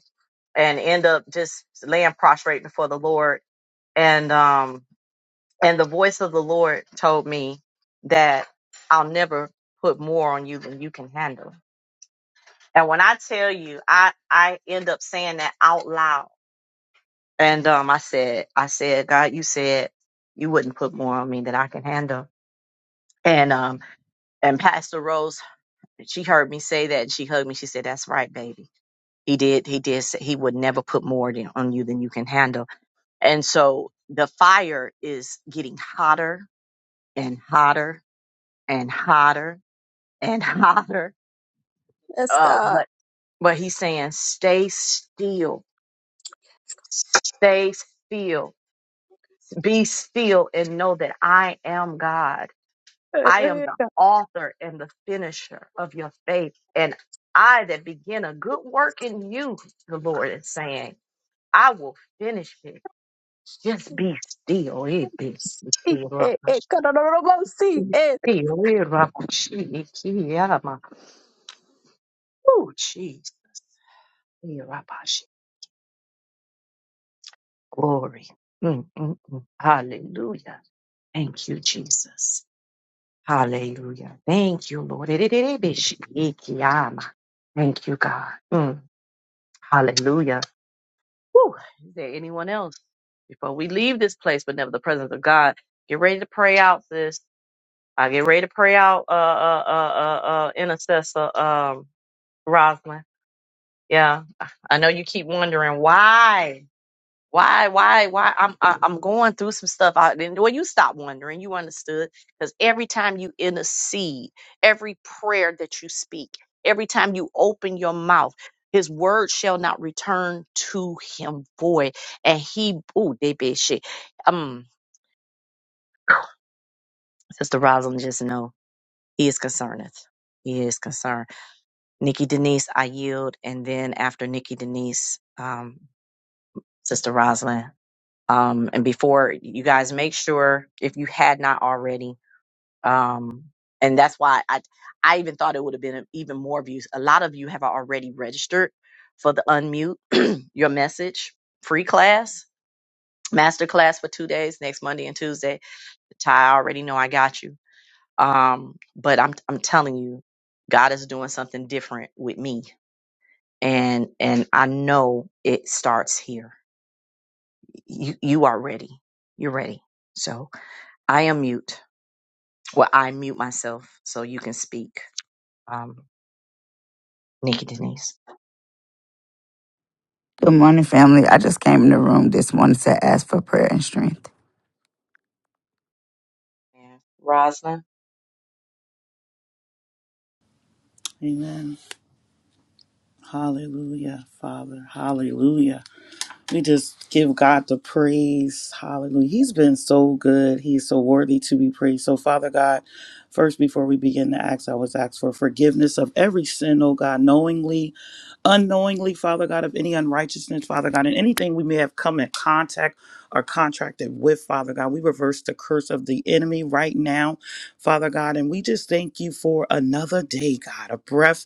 S1: and end up just laying prostrate before the Lord. And um and the voice of the Lord told me that I'll never put more on you than you can handle. And when I tell you, I I end up saying that out loud. And um I said, I said, God, you said you wouldn't put more on me than I can handle. And um and Pastor Rose, she heard me say that and she hugged me. She said, That's right, baby. He did, he did say he would never put more than- on you than you can handle And so the fire is getting hotter and hotter and hotter and hotter.
S6: Yes,
S1: Uh,
S6: God.
S1: but but he's saying, stay still, stay still, be still, and know that I am God. I am the author and the finisher of your faith, and I that begin a good work in you, the Lord is saying, I will finish it. Just be still. It be
S6: Sí,
S1: still.
S6: eh, eh, Kadadadadabo, sí,
S1: Iki,
S6: eh.
S1: we rabashi, iki, yama. Oh, jeez. We rabashi. Glory. Mm, mm, mm. Hallelujah. Thank you, Jesus. Hallelujah. Thank you, Lord. Erererebeshi, iki, yama. Thank you, God. Mm. Hallelujah. Whew. Is there anyone else? Before we leave this place, but never the presence of God, get ready to pray out, sis. I get ready to pray out, uh, uh, uh, uh, uh intercessor, um, Rosalind. Yeah, I know you keep wondering why, why, why, why. I'm I, I'm going through some stuff. I didn't. Well, you stop wondering. You understood because every time you intercede, every prayer that you speak, every time you open your mouth. His word shall not return to him void, and he ooh they be shit. Um, Sister Rosalind, just know he is concerned. He is concerned. Nikki Denise, I yield, and then after Nikki Denise, um, Sister Rosalind. Um, and before you guys make sure if you had not already, um, and that's why I, I even thought it would have been even more views. A lot of you have already registered for the unmute your message free class, master class for two days, next Monday and Tuesday. Ty, I already know I got you. Um, but I'm, I'm telling you, God is doing something different with me. And, and I know it starts here. You, you are ready. You're ready. So I am mute. Well, I mute myself so you can speak. Um, Nikki Denise.
S7: Good morning, family. I just came in the room this morning to ask for prayer and strength.
S1: Yeah. Rosalind.
S8: Amen. Hallelujah, Father. Hallelujah. We just give God the praise. Hallelujah. He's been so good. He's so worthy to be praised. So, Father God, first, before we begin to ask, I was asked for forgiveness of every sin, oh God, knowingly, unknowingly, Father God, of any unrighteousness, Father God, and anything we may have come in contact or contracted with, Father God. We reverse the curse of the enemy right now, Father God, and we just thank you for another day, God, a breath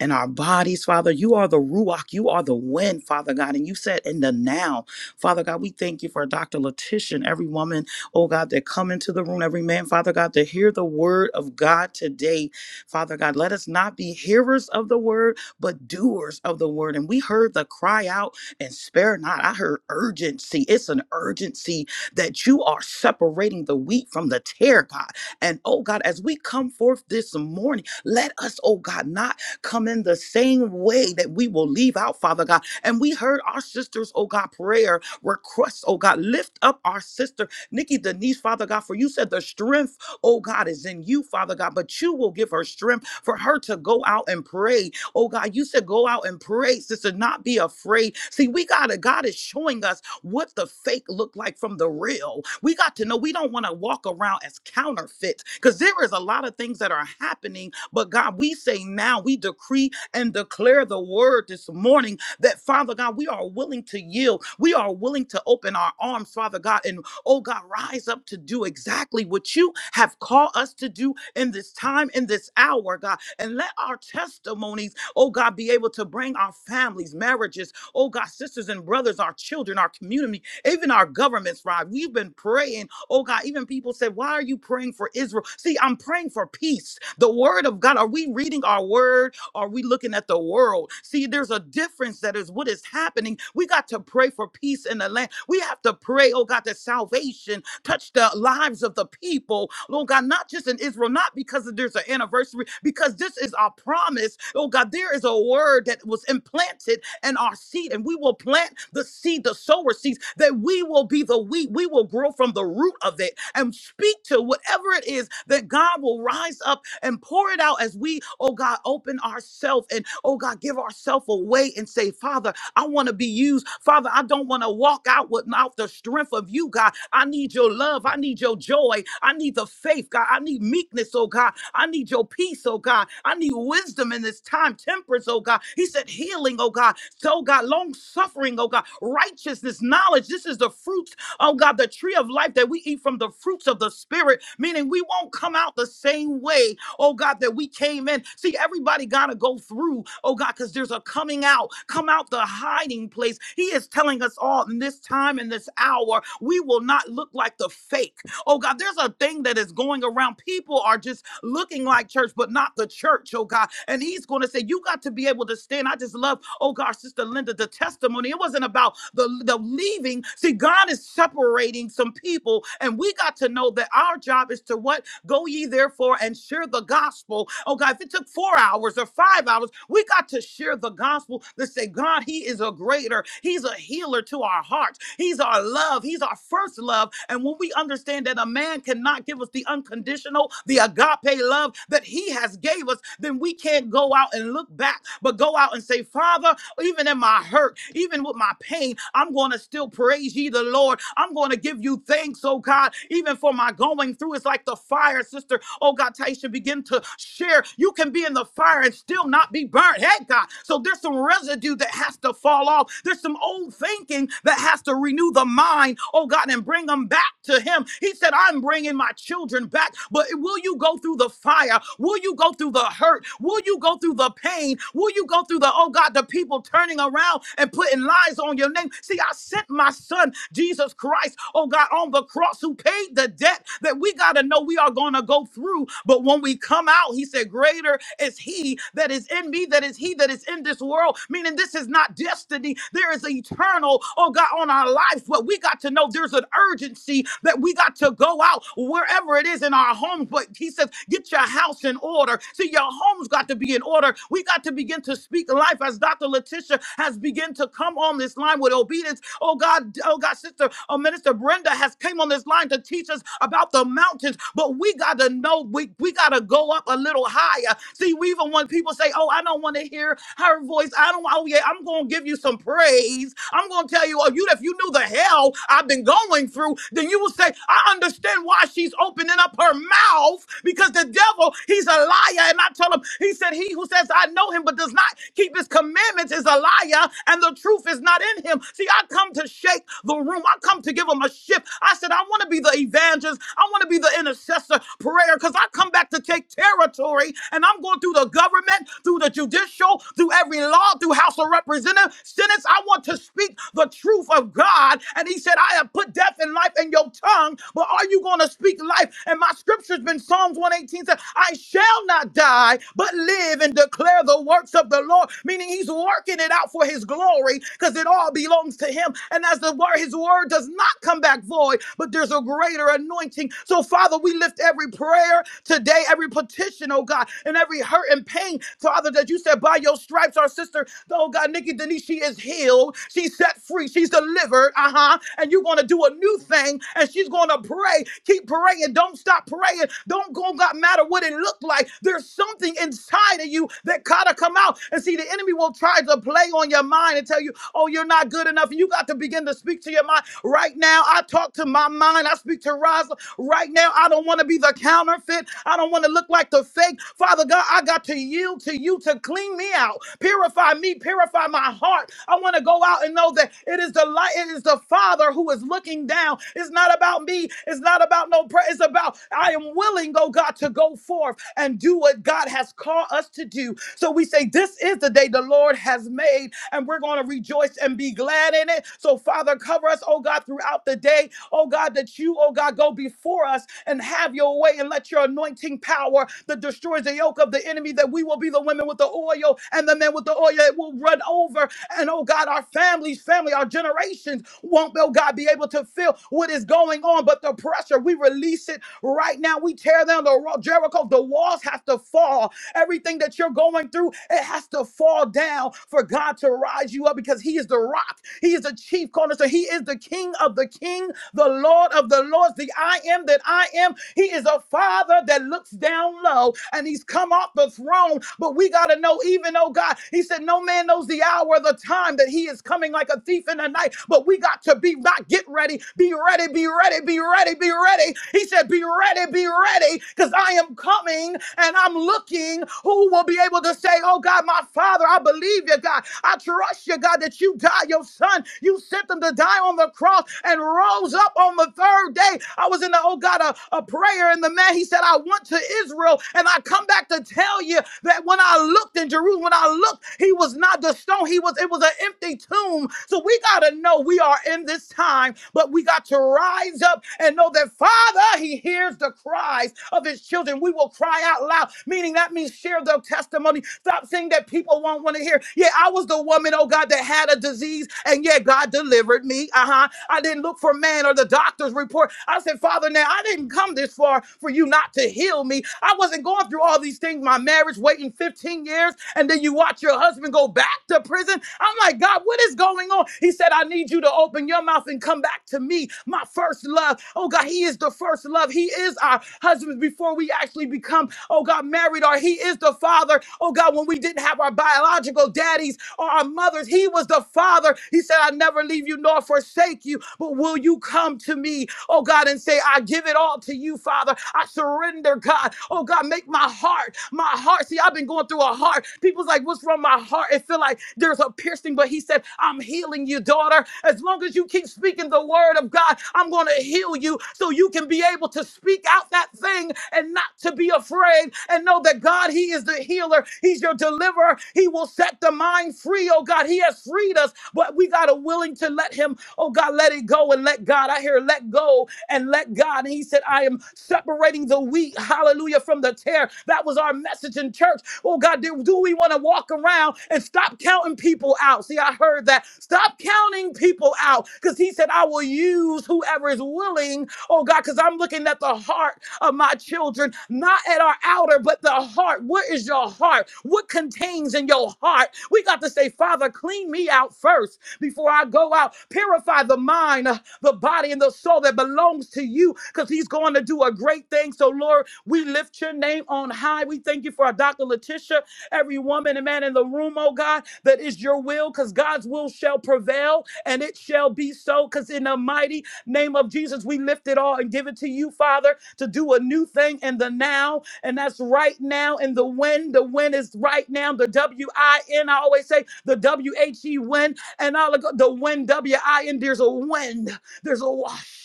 S8: and our bodies, Father. You are the Ruach, you are the wind, Father God. And you said in the now, Father God, we thank you for Dr. Letitia and every woman, oh God, that come into the room, every man, Father God, to hear the word of God today, Father God. Let us not be hearers of the word, but doers of the word. And we heard the cry out and spare not. I heard urgency. It's an urgency that you are separating the wheat from the tare, God. And oh God, as we come forth this morning, let us, oh God, not come in the same way that we will leave out, Father God. And we heard our sisters, oh God, prayer requests, oh God, lift up our sister, Nikki Denise, Father God, for you said the strength, oh God, is in you, Father God, but you will give her strength for her to go out and pray. Oh God, you said go out and pray, sister, not be afraid. See, we got to, God is showing us what the fake look like from the real. We got to know we don't want to walk around as counterfeits because there is a lot of things that are happening. But God, we say now, we decree and declare the word this morning that Father God, we are willing to yield. We are willing to open our arms, Father God, and oh God, rise up to do exactly what you have called us to do in this time, in this hour, God. And let our testimonies, oh God, be able to bring our families, marriages, Oh God, sisters and brothers, our children, our community, even our governments, Rod. We've been praying. Oh God, even people said, Why are you praying for Israel? See, I'm praying for peace. The word of God. Are we reading our word? Are we looking at the world? See, there's a difference that is what is happening. We got to pray for peace in the land. We have to pray, oh God, that salvation touch the lives of the people, Lord God, not just in Israel, not because there's an anniversary, because this is our promise. Oh God, there is a word that was implanted and our seed, and we will plant the seed, the sower seeds, that we will be the wheat. We will grow from the root of it and speak to whatever it is that God will rise up and pour it out as we, oh God, open ourselves and, oh God, give ourselves away and say, Father, I want to be used. Father, I don't want to walk out without the strength of you, God. I need your love. I need your joy. I need the faith, God. I need meekness, oh God. I need your peace, oh God. I need wisdom in this time, temperance, oh God. He said healing, oh God. So, oh God, long suffering, oh God, righteousness, knowledge. This is the fruits oh God, the tree of life that we eat from the fruits of the spirit, meaning we won't come out the same way, oh God, that we came in. See, everybody gotta go through, oh God, because there's a coming out, come out the hiding place. He is telling us all in this time and this hour, we will not look like the fake. Oh God, there's a thing that is going around. People are just looking like church, but not the church, oh God. And he's going to say, You got to be able to stand. I just love, oh God, Sister Linda, the testimony. It wasn't about the, the leaving. See, God is separating some people, and we got to know that our job is to what? Go ye therefore and share the gospel. Oh God, if it took four hours or five hours, we got to share the gospel to say, God, He is a greater, He's a healer to our hearts, He's our love, He's our first love. And when we understand that a man cannot give us the unconditional, the agape love that He has gave us, then we can't go out and look back, but go out and say, Father, even in my hurt, even with my pain, I'm going to still praise ye the Lord. I'm going to give you thanks, oh God, even for my going going through is like the fire, sister. Oh God, Taisha, begin to share. You can be in the fire and still not be burnt. Hey God. So there's some residue that has to fall off. There's some old thinking that has to renew the mind. Oh God, and bring them back to Him. He said, I'm bringing my children back. But will you go through the fire? Will you go through the hurt? Will you go through the pain? Will you go through the, oh God, the people turning around and putting lies on your name? See, I sent my son, Jesus Christ, oh God, on the cross, who who paid the debt that we got to know we are going to go through. But when we come out, he said, Greater is he that is in me, that is he that is in this world. Meaning, this is not destiny. There is eternal, oh God, on our lives. But we got to know there's an urgency that we got to go out wherever it is in our homes. But he says, Get your house in order. See, your home's got to be in order. We got to begin to speak life as Dr. Letitia has begun to come on this line with obedience. Oh God, oh God, sister, oh minister. Brenda has came on this line to teach us about the mountains, but we got to know we, we got to go up a little higher. See, we even when people say, "Oh, I don't want to hear her voice," I don't. Oh yeah, I'm going to give you some praise. I'm going to tell you, oh, you if you knew the hell I've been going through, then you will say, I understand why she's opening up her mouth because the devil, he's a liar. And I tell him, he said, he who says I know him but does not keep his commandments is a liar, and the truth is not in him. See, I come to shake the room. I come to give them a shift. I said, I want to be the evangelist. I want to be the intercessor prayer because I come back to take territory and I'm going through the government, through the judicial, through every law, through House of Representatives, Senate. I want to speak the truth of God. And he said, I have put death and life in your tongue, but are you going to speak life? And my scripture's been Psalms 118 said, I shall not die, but live and declare the works of the Lord, meaning he's working it out for his glory because it all belongs to him him. And as the word, his word does not come back void, but there's a greater anointing. So, Father, we lift every prayer today, every petition, oh God, and every hurt and pain, Father, that you said by your stripes, our sister, oh God, Nikki Denise, she is healed. She's set free. She's delivered. Uh huh. And you're going to do a new thing, and she's going to pray. Keep praying. Don't stop praying. Don't go, God, matter what it looked like. There's something inside of you that gotta come out. And see, the enemy will try to play on your mind and tell you, Oh, you're not good enough. You got to begin to speak to your mind right now. I talk to my mind. I speak to Raza right now. I don't want to be the counterfeit. I don't want to look like the fake. Father God, I got to yield to you to clean me out, purify me, purify my heart. I want to go out and know that it is the light, it is the Father who is looking down. It's not about me. It's not about no prayer. It's about I am willing, oh God, to go forth and do what God has called us to do. So we say, This is the day the Lord has made and we're going to rejoice and be glad in it. So, Father, cover us, oh God, throughout the day, oh God, that you, oh God, go before us and have your way and let your anointing power that destroys the yoke of the enemy, that we will be the women with the oil and the men with the oil. It will run over. And oh God, our families, family, our generations won't, oh God, be able to feel what is going on. But the pressure, we release it Right now, we tear down the wall. Jericho, the walls have to fall. Everything that you're going through, it has to fall down for God to rise you up because He is the rock he is the chief cornerstone. He is the king of the king, the lord of the lords, the I am that I am. He is a father that looks down low and he's come off the throne. But we got to know, even though God, he said, no man knows the hour or the time that he is coming like a thief in the night. But we got to be not get ready, be ready, be ready, be ready, be ready. He said, be ready, be ready, because I am coming and I'm looking King, who will be able to say, Oh God, my Father, I believe you, God. I trust you, God, that you died your son. You sent them to die on the cross and rose up on the third day. I was in the, oh God, a, a prayer, and the man, he said, I went to Israel, and I come back to tell you that when I looked in Jerusalem, when I looked, he was not the stone, he was, it was an empty tomb. So we got to know we are in this time, but we got to rise rise up and know that Father, He hears the cries of His children. We will cry out loud, meaning that means share their testimony. Stop saying that people won't want to hear. Yeah, I was the woman, oh God, that had a disease, and yeah, God delivered me. Uh huh. I didn't look for man or the doctor's report. I said, Father, now I didn't come this far for you not to heal me. I wasn't going through all these things, my marriage waiting 15 years, and then you watch your husband go back to prison. I'm like, God, what is going on? He said, I need you to open your mouth and come back to me, my first love. Oh God, He is the first love. He is our husband before we actually become, oh God, married, or He is the father. Oh God, when we didn't have our biological daddies or our mothers, He was the father. He said, I never leave you nor forsake you, but will you come to me, oh God, and say, I give it all to you, Father. I surrender surrender, God. Oh God, make my heart, my heart. See, I've been going through a heart. People's like, what's wrong with my heart? It feel like there's a piercing, but he said, I'm healing you, daughter. As long as you keep speaking the word of God, I'm going to heal you so you can be able to speak out that thing and not to be afraid and know that God, he is the healer. He's your deliverer. He will set the mind free. Oh God, he has freed us, but we got to willing to let him, oh God, let it go and let God. I hear let go and let God. And he said, I am separating the wheat, hallelujah, from the tear. That was our message in church. Oh God, do, do we want to walk around and stop counting people out? See, I heard that. Stop counting people out because he said, I will use whoever is willing. Oh God, because I'm looking at the heart of my children, not at our outer, but the heart. What is your heart? What contains in your heart? We got to say, Father, clean me out first before I go out. Purify the mind the body and the soul that belongs to you because he's going to do a great thing. So, Lord, we lift your name on high. We thank you for our Dr. Letitia, every woman and man in the room, oh God, that is your will because God's will shall prevail and it shall be so because in the mighty name of Jesus, we lift it all and give it to you, Father, to do a new thing in the now. And that's right now in the when. The when is right now. The W I N, I always say the W H E when. And all the go- the when, W I N, there's a when. There's a wash.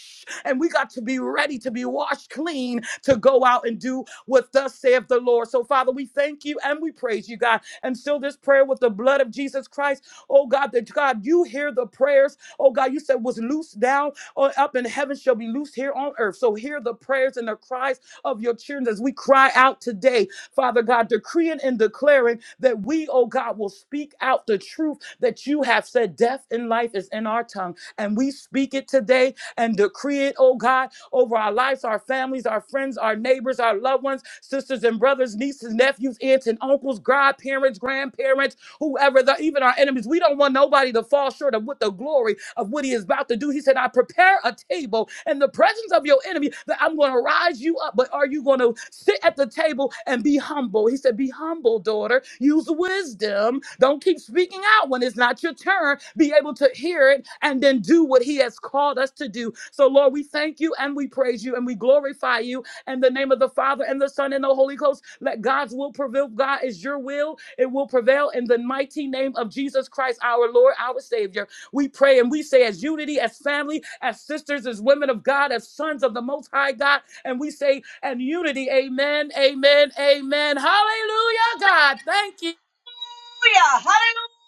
S8: And we got to be ready to be washed clean to go out and do what thus saith the Lord. So, Father, we thank you and we praise you, God. And seal this prayer with the blood of Jesus Christ. Oh, God, that God, you hear the prayers. Oh, God, you said was loose down or up in heaven shall be loose here on earth. So, hear the prayers and the cries of your children as we cry out today, Father God, decreeing and declaring that we, oh God, will speak out the truth that you have said. Death and life is in our tongue. And we speak it today and decree it, oh God, over our lives, our families, our friends, our neighbors, our loved ones, sisters and brothers, nieces, nephews, aunts and uncles, godparents, grandparents whoever, the, even our enemies. We don't want nobody to fall short of what the glory of what he is about to do. He said, I prepare a table in the presence of your enemy that I'm going to rise you up. But are you going to sit at the table and be humble? He said, Be humble, daughter. Use wisdom. Don't keep speaking out when it's not your turn. Be able to hear it and then do what he has called us to do. So, Lord, we thank you and we praise you and we glorify you in the name of the Father and the Son and the Holy Ghost, let God's will prevail. God is your will. It will prevail in the mighty name of Jesus Christ, our Lord, our Savior. We pray and we say, as unity, as family, as sisters, as women of God, as sons of the Most High God, and we say, and unity, amen, amen, amen. Hallelujah, God. Thank you.
S1: Hallelujah! Hallelujah!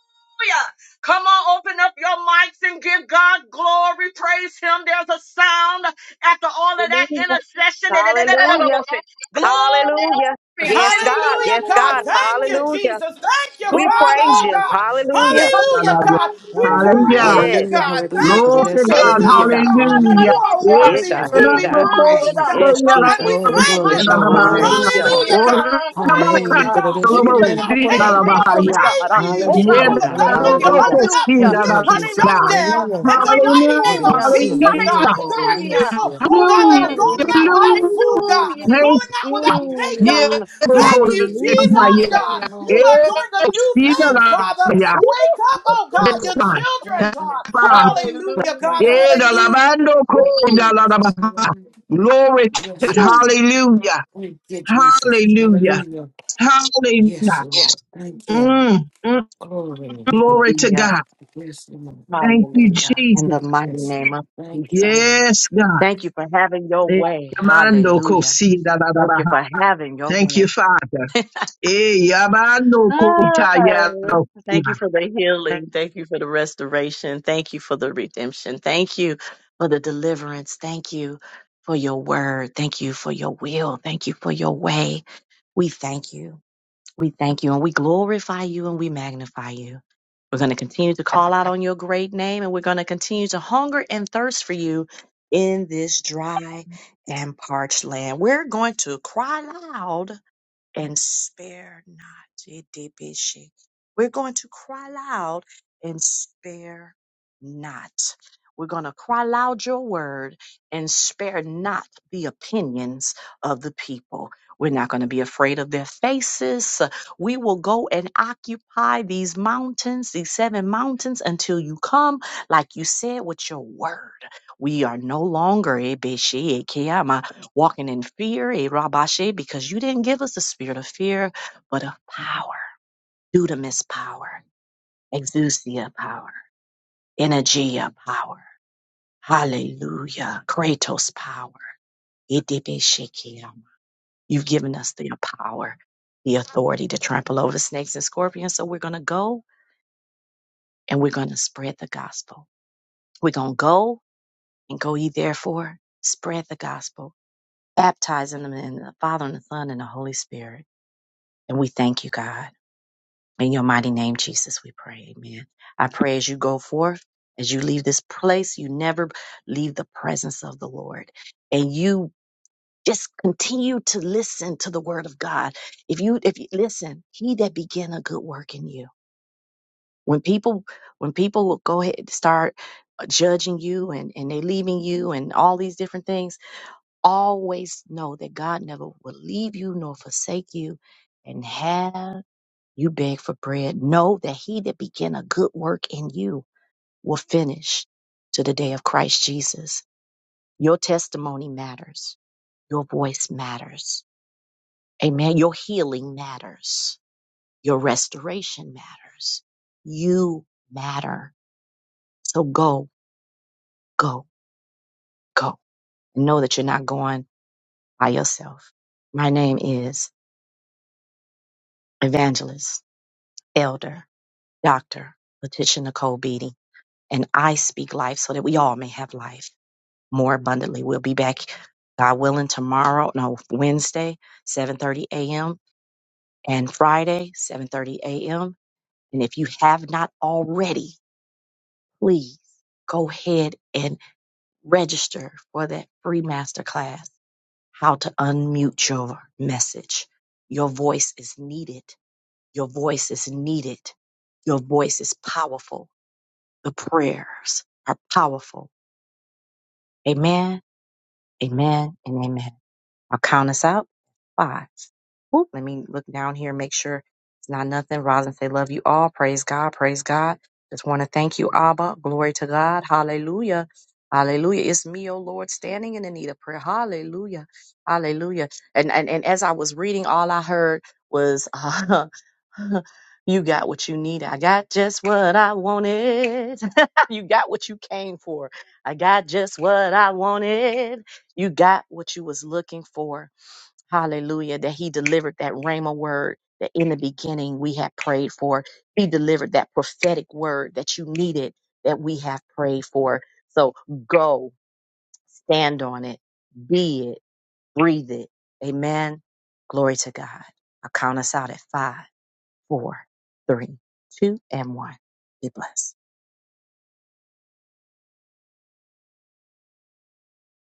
S1: Come on, open up your mics and give God glory. Praise Him. There's a sound after all of that
S6: Hallelujah.
S1: intercession.
S6: Hallelujah. Hallelujah.
S1: Glory!
S6: Yes, God. Yes,
S8: Hallelujah,
S1: Hallelujah!
S8: God.
S6: God.
S8: Thank you,
S6: Hallelujah.
S8: Jesus. Thank you,
S6: We praise
S8: Father,
S6: you.
S1: Glory!
S8: God.
S6: Hallelujah.
S1: It's the
S8: Hallelujah, God. We
S4: Hallelujah.
S3: Hallelujah.
S8: praise you,
S6: Yes.
S5: Hallelujah,
S8: God.
S5: hallelujah.
S8: Thank
S5: The
S3: Glory
S8: you,
S3: to
S5: best
S1: trumpet.
S5: in
S3: God.
S5: the
S6: Hallelujah,
S1: Oh,
S5: name
S6: God.
S8: Jesus,
S5: of the day, my
S8: God.
S5: friend,
S3: Hallelujah.
S8: You
S5: dear.
S8: are
S1: yeah.
S6: Yeah,
S3: Hallelujah.
S5: Yes,
S8: worthy
S6: God.
S1: It's
S5: Lord.
S1: the
S8: to
S6: Hey,
S8: be
S6: God.
S5: Hallelujah,
S3: Hallelujah.
S1: trumpet
S8: praised,
S1: uh,
S5: Jesus.
S8: God.
S6: Yes,
S1: of
S8: And
S6: Jesus.
S8: we
S5: Glory,
S1: victory.
S8: thank
S5: glory,
S8: you,
S4: Bless your
S8: God.
S5: glory.
S4: holy name.
S6: Hallelujah.
S5: Hallelujah.
S8: Hallelujah, God.
S1: Hallelujah.
S8: Praise
S1: Mm.
S5: Hallelujah.
S8: you,
S5: Good
S8: God.
S5: day,
S1: This
S8: Even
S5: sick of
S1: is
S5: the
S1: the
S5: day,
S8: in
S5: my
S8: our
S1: trumpet of
S8: pain,
S5: friend,
S8: we're
S5: dear.
S8: going to
S5: See?
S1: victory, God.
S8: praise
S1: Uh, Oh,
S8: you
S5: Yes,
S1: God,
S6: Hallelujah,
S8: for
S1: we
S5: Lord.
S8: the
S6: God.
S1: thank
S8: government to
S1: you.
S5: Hallelujah.
S6: Hallelujah.
S8: open up,
S1: Hallelujah.
S5: Thank you,
S8: lift the
S5: Jesus.
S8: shutdown
S1: Hallelujah.
S5: Hallelujah.
S8: in the mighty
S5: Glory,
S8: name of
S5: yes,
S1: Hallelujah.
S5: see.
S8: Jesus, God. There are
S1: Hallelujah.
S8: people,
S5: Hallelujah.
S8: oh God,
S3: Hallelujah.
S8: that are
S1: Glory.
S8: going out
S5: Hallelujah.
S3: Hallelujah.
S8: without
S5: Thank you,
S8: food, God,
S5: Jesus.
S3: Thank
S8: going
S1: Hallelujah.
S8: out without
S5: Yes,
S8: pay,
S3: you.
S5: Lord.
S8: God.
S1: Mm.
S8: Thank you,
S5: Hallelujah.
S8: Jesus,
S3: Yeah.
S1: Hallelujah.
S5: Thank
S8: God.
S5: you, Lord.
S8: You are doing a new
S5: Thank
S3: Speed of
S5: you,
S8: thing,
S3: God.
S8: Father.
S5: Jesus.
S3: Yeah.
S8: Wake up, oh God,
S3: This
S8: your
S5: Thank you,
S3: time.
S5: Lord.
S8: children,
S5: Thank you.
S8: God. Hallelujah,
S5: Thank
S8: God.
S1: Hallelujah.
S5: you,
S3: Yeah,
S5: Lord.
S3: the
S8: Hallelujah.
S3: Lamando
S5: Thank you,
S1: Woo.
S3: Kunda la la
S5: Jesus.
S3: Baha.
S5: Hallelujah.
S3: Glory to
S5: Yes,
S3: God.
S5: Lord.
S1: Woo.
S3: Hallelujah.
S5: Thank you, Jesus.
S3: Hallelujah.
S5: Hallelujah. Yes,
S3: Hallelujah.
S1: Yes.
S5: Lord. Thank you.
S3: Mm, mm,
S5: Glory.
S3: glory to
S1: Hallelujah.
S3: God.
S5: Yes, Lord.
S3: Thank you,
S1: Hallelujah. In
S3: Jesus.
S1: the mighty
S5: Yes.
S1: name of
S5: Thank you,
S1: Jesus.
S5: Lord.
S3: Yes, God.
S1: Thank you for having your
S3: Eh,
S1: way.
S3: Yamando
S1: Hallelujah.
S3: Kosi da la la
S1: Thank you
S3: Baha.
S1: for having your
S3: Thank you,
S1: way.
S3: Father. Eh, Yamando
S1: Ah,
S3: Kota ya.
S1: thank you for the healing. Thank you for the restoration. Thank you for the redemption. Thank you for the deliverance. Thank you for your word. Thank you for your will. Thank you for your way. We thank you. We thank you and we glorify you and we magnify you. We're going to continue to call out on your great name and we're going to continue to hunger and thirst for you in this dry and parched land. We're going to cry loud and spare not. Yiddibishi. We're going to cry loud and spare not. We're going to cry loud your word and spare not the opinions of the people. We're not going to be afraid of their faces. We will go and occupy these mountains, these seven mountains, until you come, like you said, with your word. We are no longer, walking in fear, eh, Rabashe, because you didn't give us a spirit of fear, but of power, dudamis power, exousia power, energia power, hallelujah, kratos power, idibishikia. You've given us the power, the authority to trample over snakes and scorpions. So we're going to go and we're going to spread the gospel. We're going to go and go ye therefore, spread the gospel, baptizing them in the Father and the Son and the Holy Spirit. And we thank you, God. In your mighty name, Jesus, we pray. Amen. I pray as you go forth, as you leave this place, you never leave the presence of the Lord. And you just continue to listen to the word of God. If you, if you listen, he that began a good work in you. When people, when people will go ahead and start uh, judging you and, and they leaving you and all these different things, always know that God never will leave you nor forsake you and have you beg for bread. Know that he that began a good work in you will finish to the day of Christ Jesus. Your testimony matters. Your voice matters. Amen. Your healing matters. Your restoration matters. You matter. So go, go, go. Know that you're not going by yourself. My name is Evangelist, Elder, Doctor, Letitia Nicole Beatty, and I speak life so that we all may have life. more abundantly. We'll be back, God willing, tomorrow, no, Wednesday, 7:30 a.m. and Friday, 7:30 a.m. And if you have not already, please go ahead and register for that free masterclass, how to unmute your message. Your voice is needed. Your voice is needed. Your voice is powerful. The prayers are powerful. Amen, amen, and amen. I'll count us out. Five Whoop, let me look down here, make sure it's not nothing. Roslyn, say, love you all. Praise God. Praise God. Just want to thank you, Abba. Glory to God. Hallelujah. Hallelujah. It's me, O Lord, standing in the need of prayer. Hallelujah. Hallelujah. And and, and as I was reading, all I heard was, you got what you need. I got just what I wanted. you got what you came for. I got just what I wanted. You got what you was looking for. Hallelujah. That he delivered that Rhema word that in the beginning we had prayed for. He delivered that prophetic word that you needed that we have prayed for. So go, stand on it, be it, breathe it. Amen. Glory to God. I'll count us out at five, four, three, two, and one. Be blessed.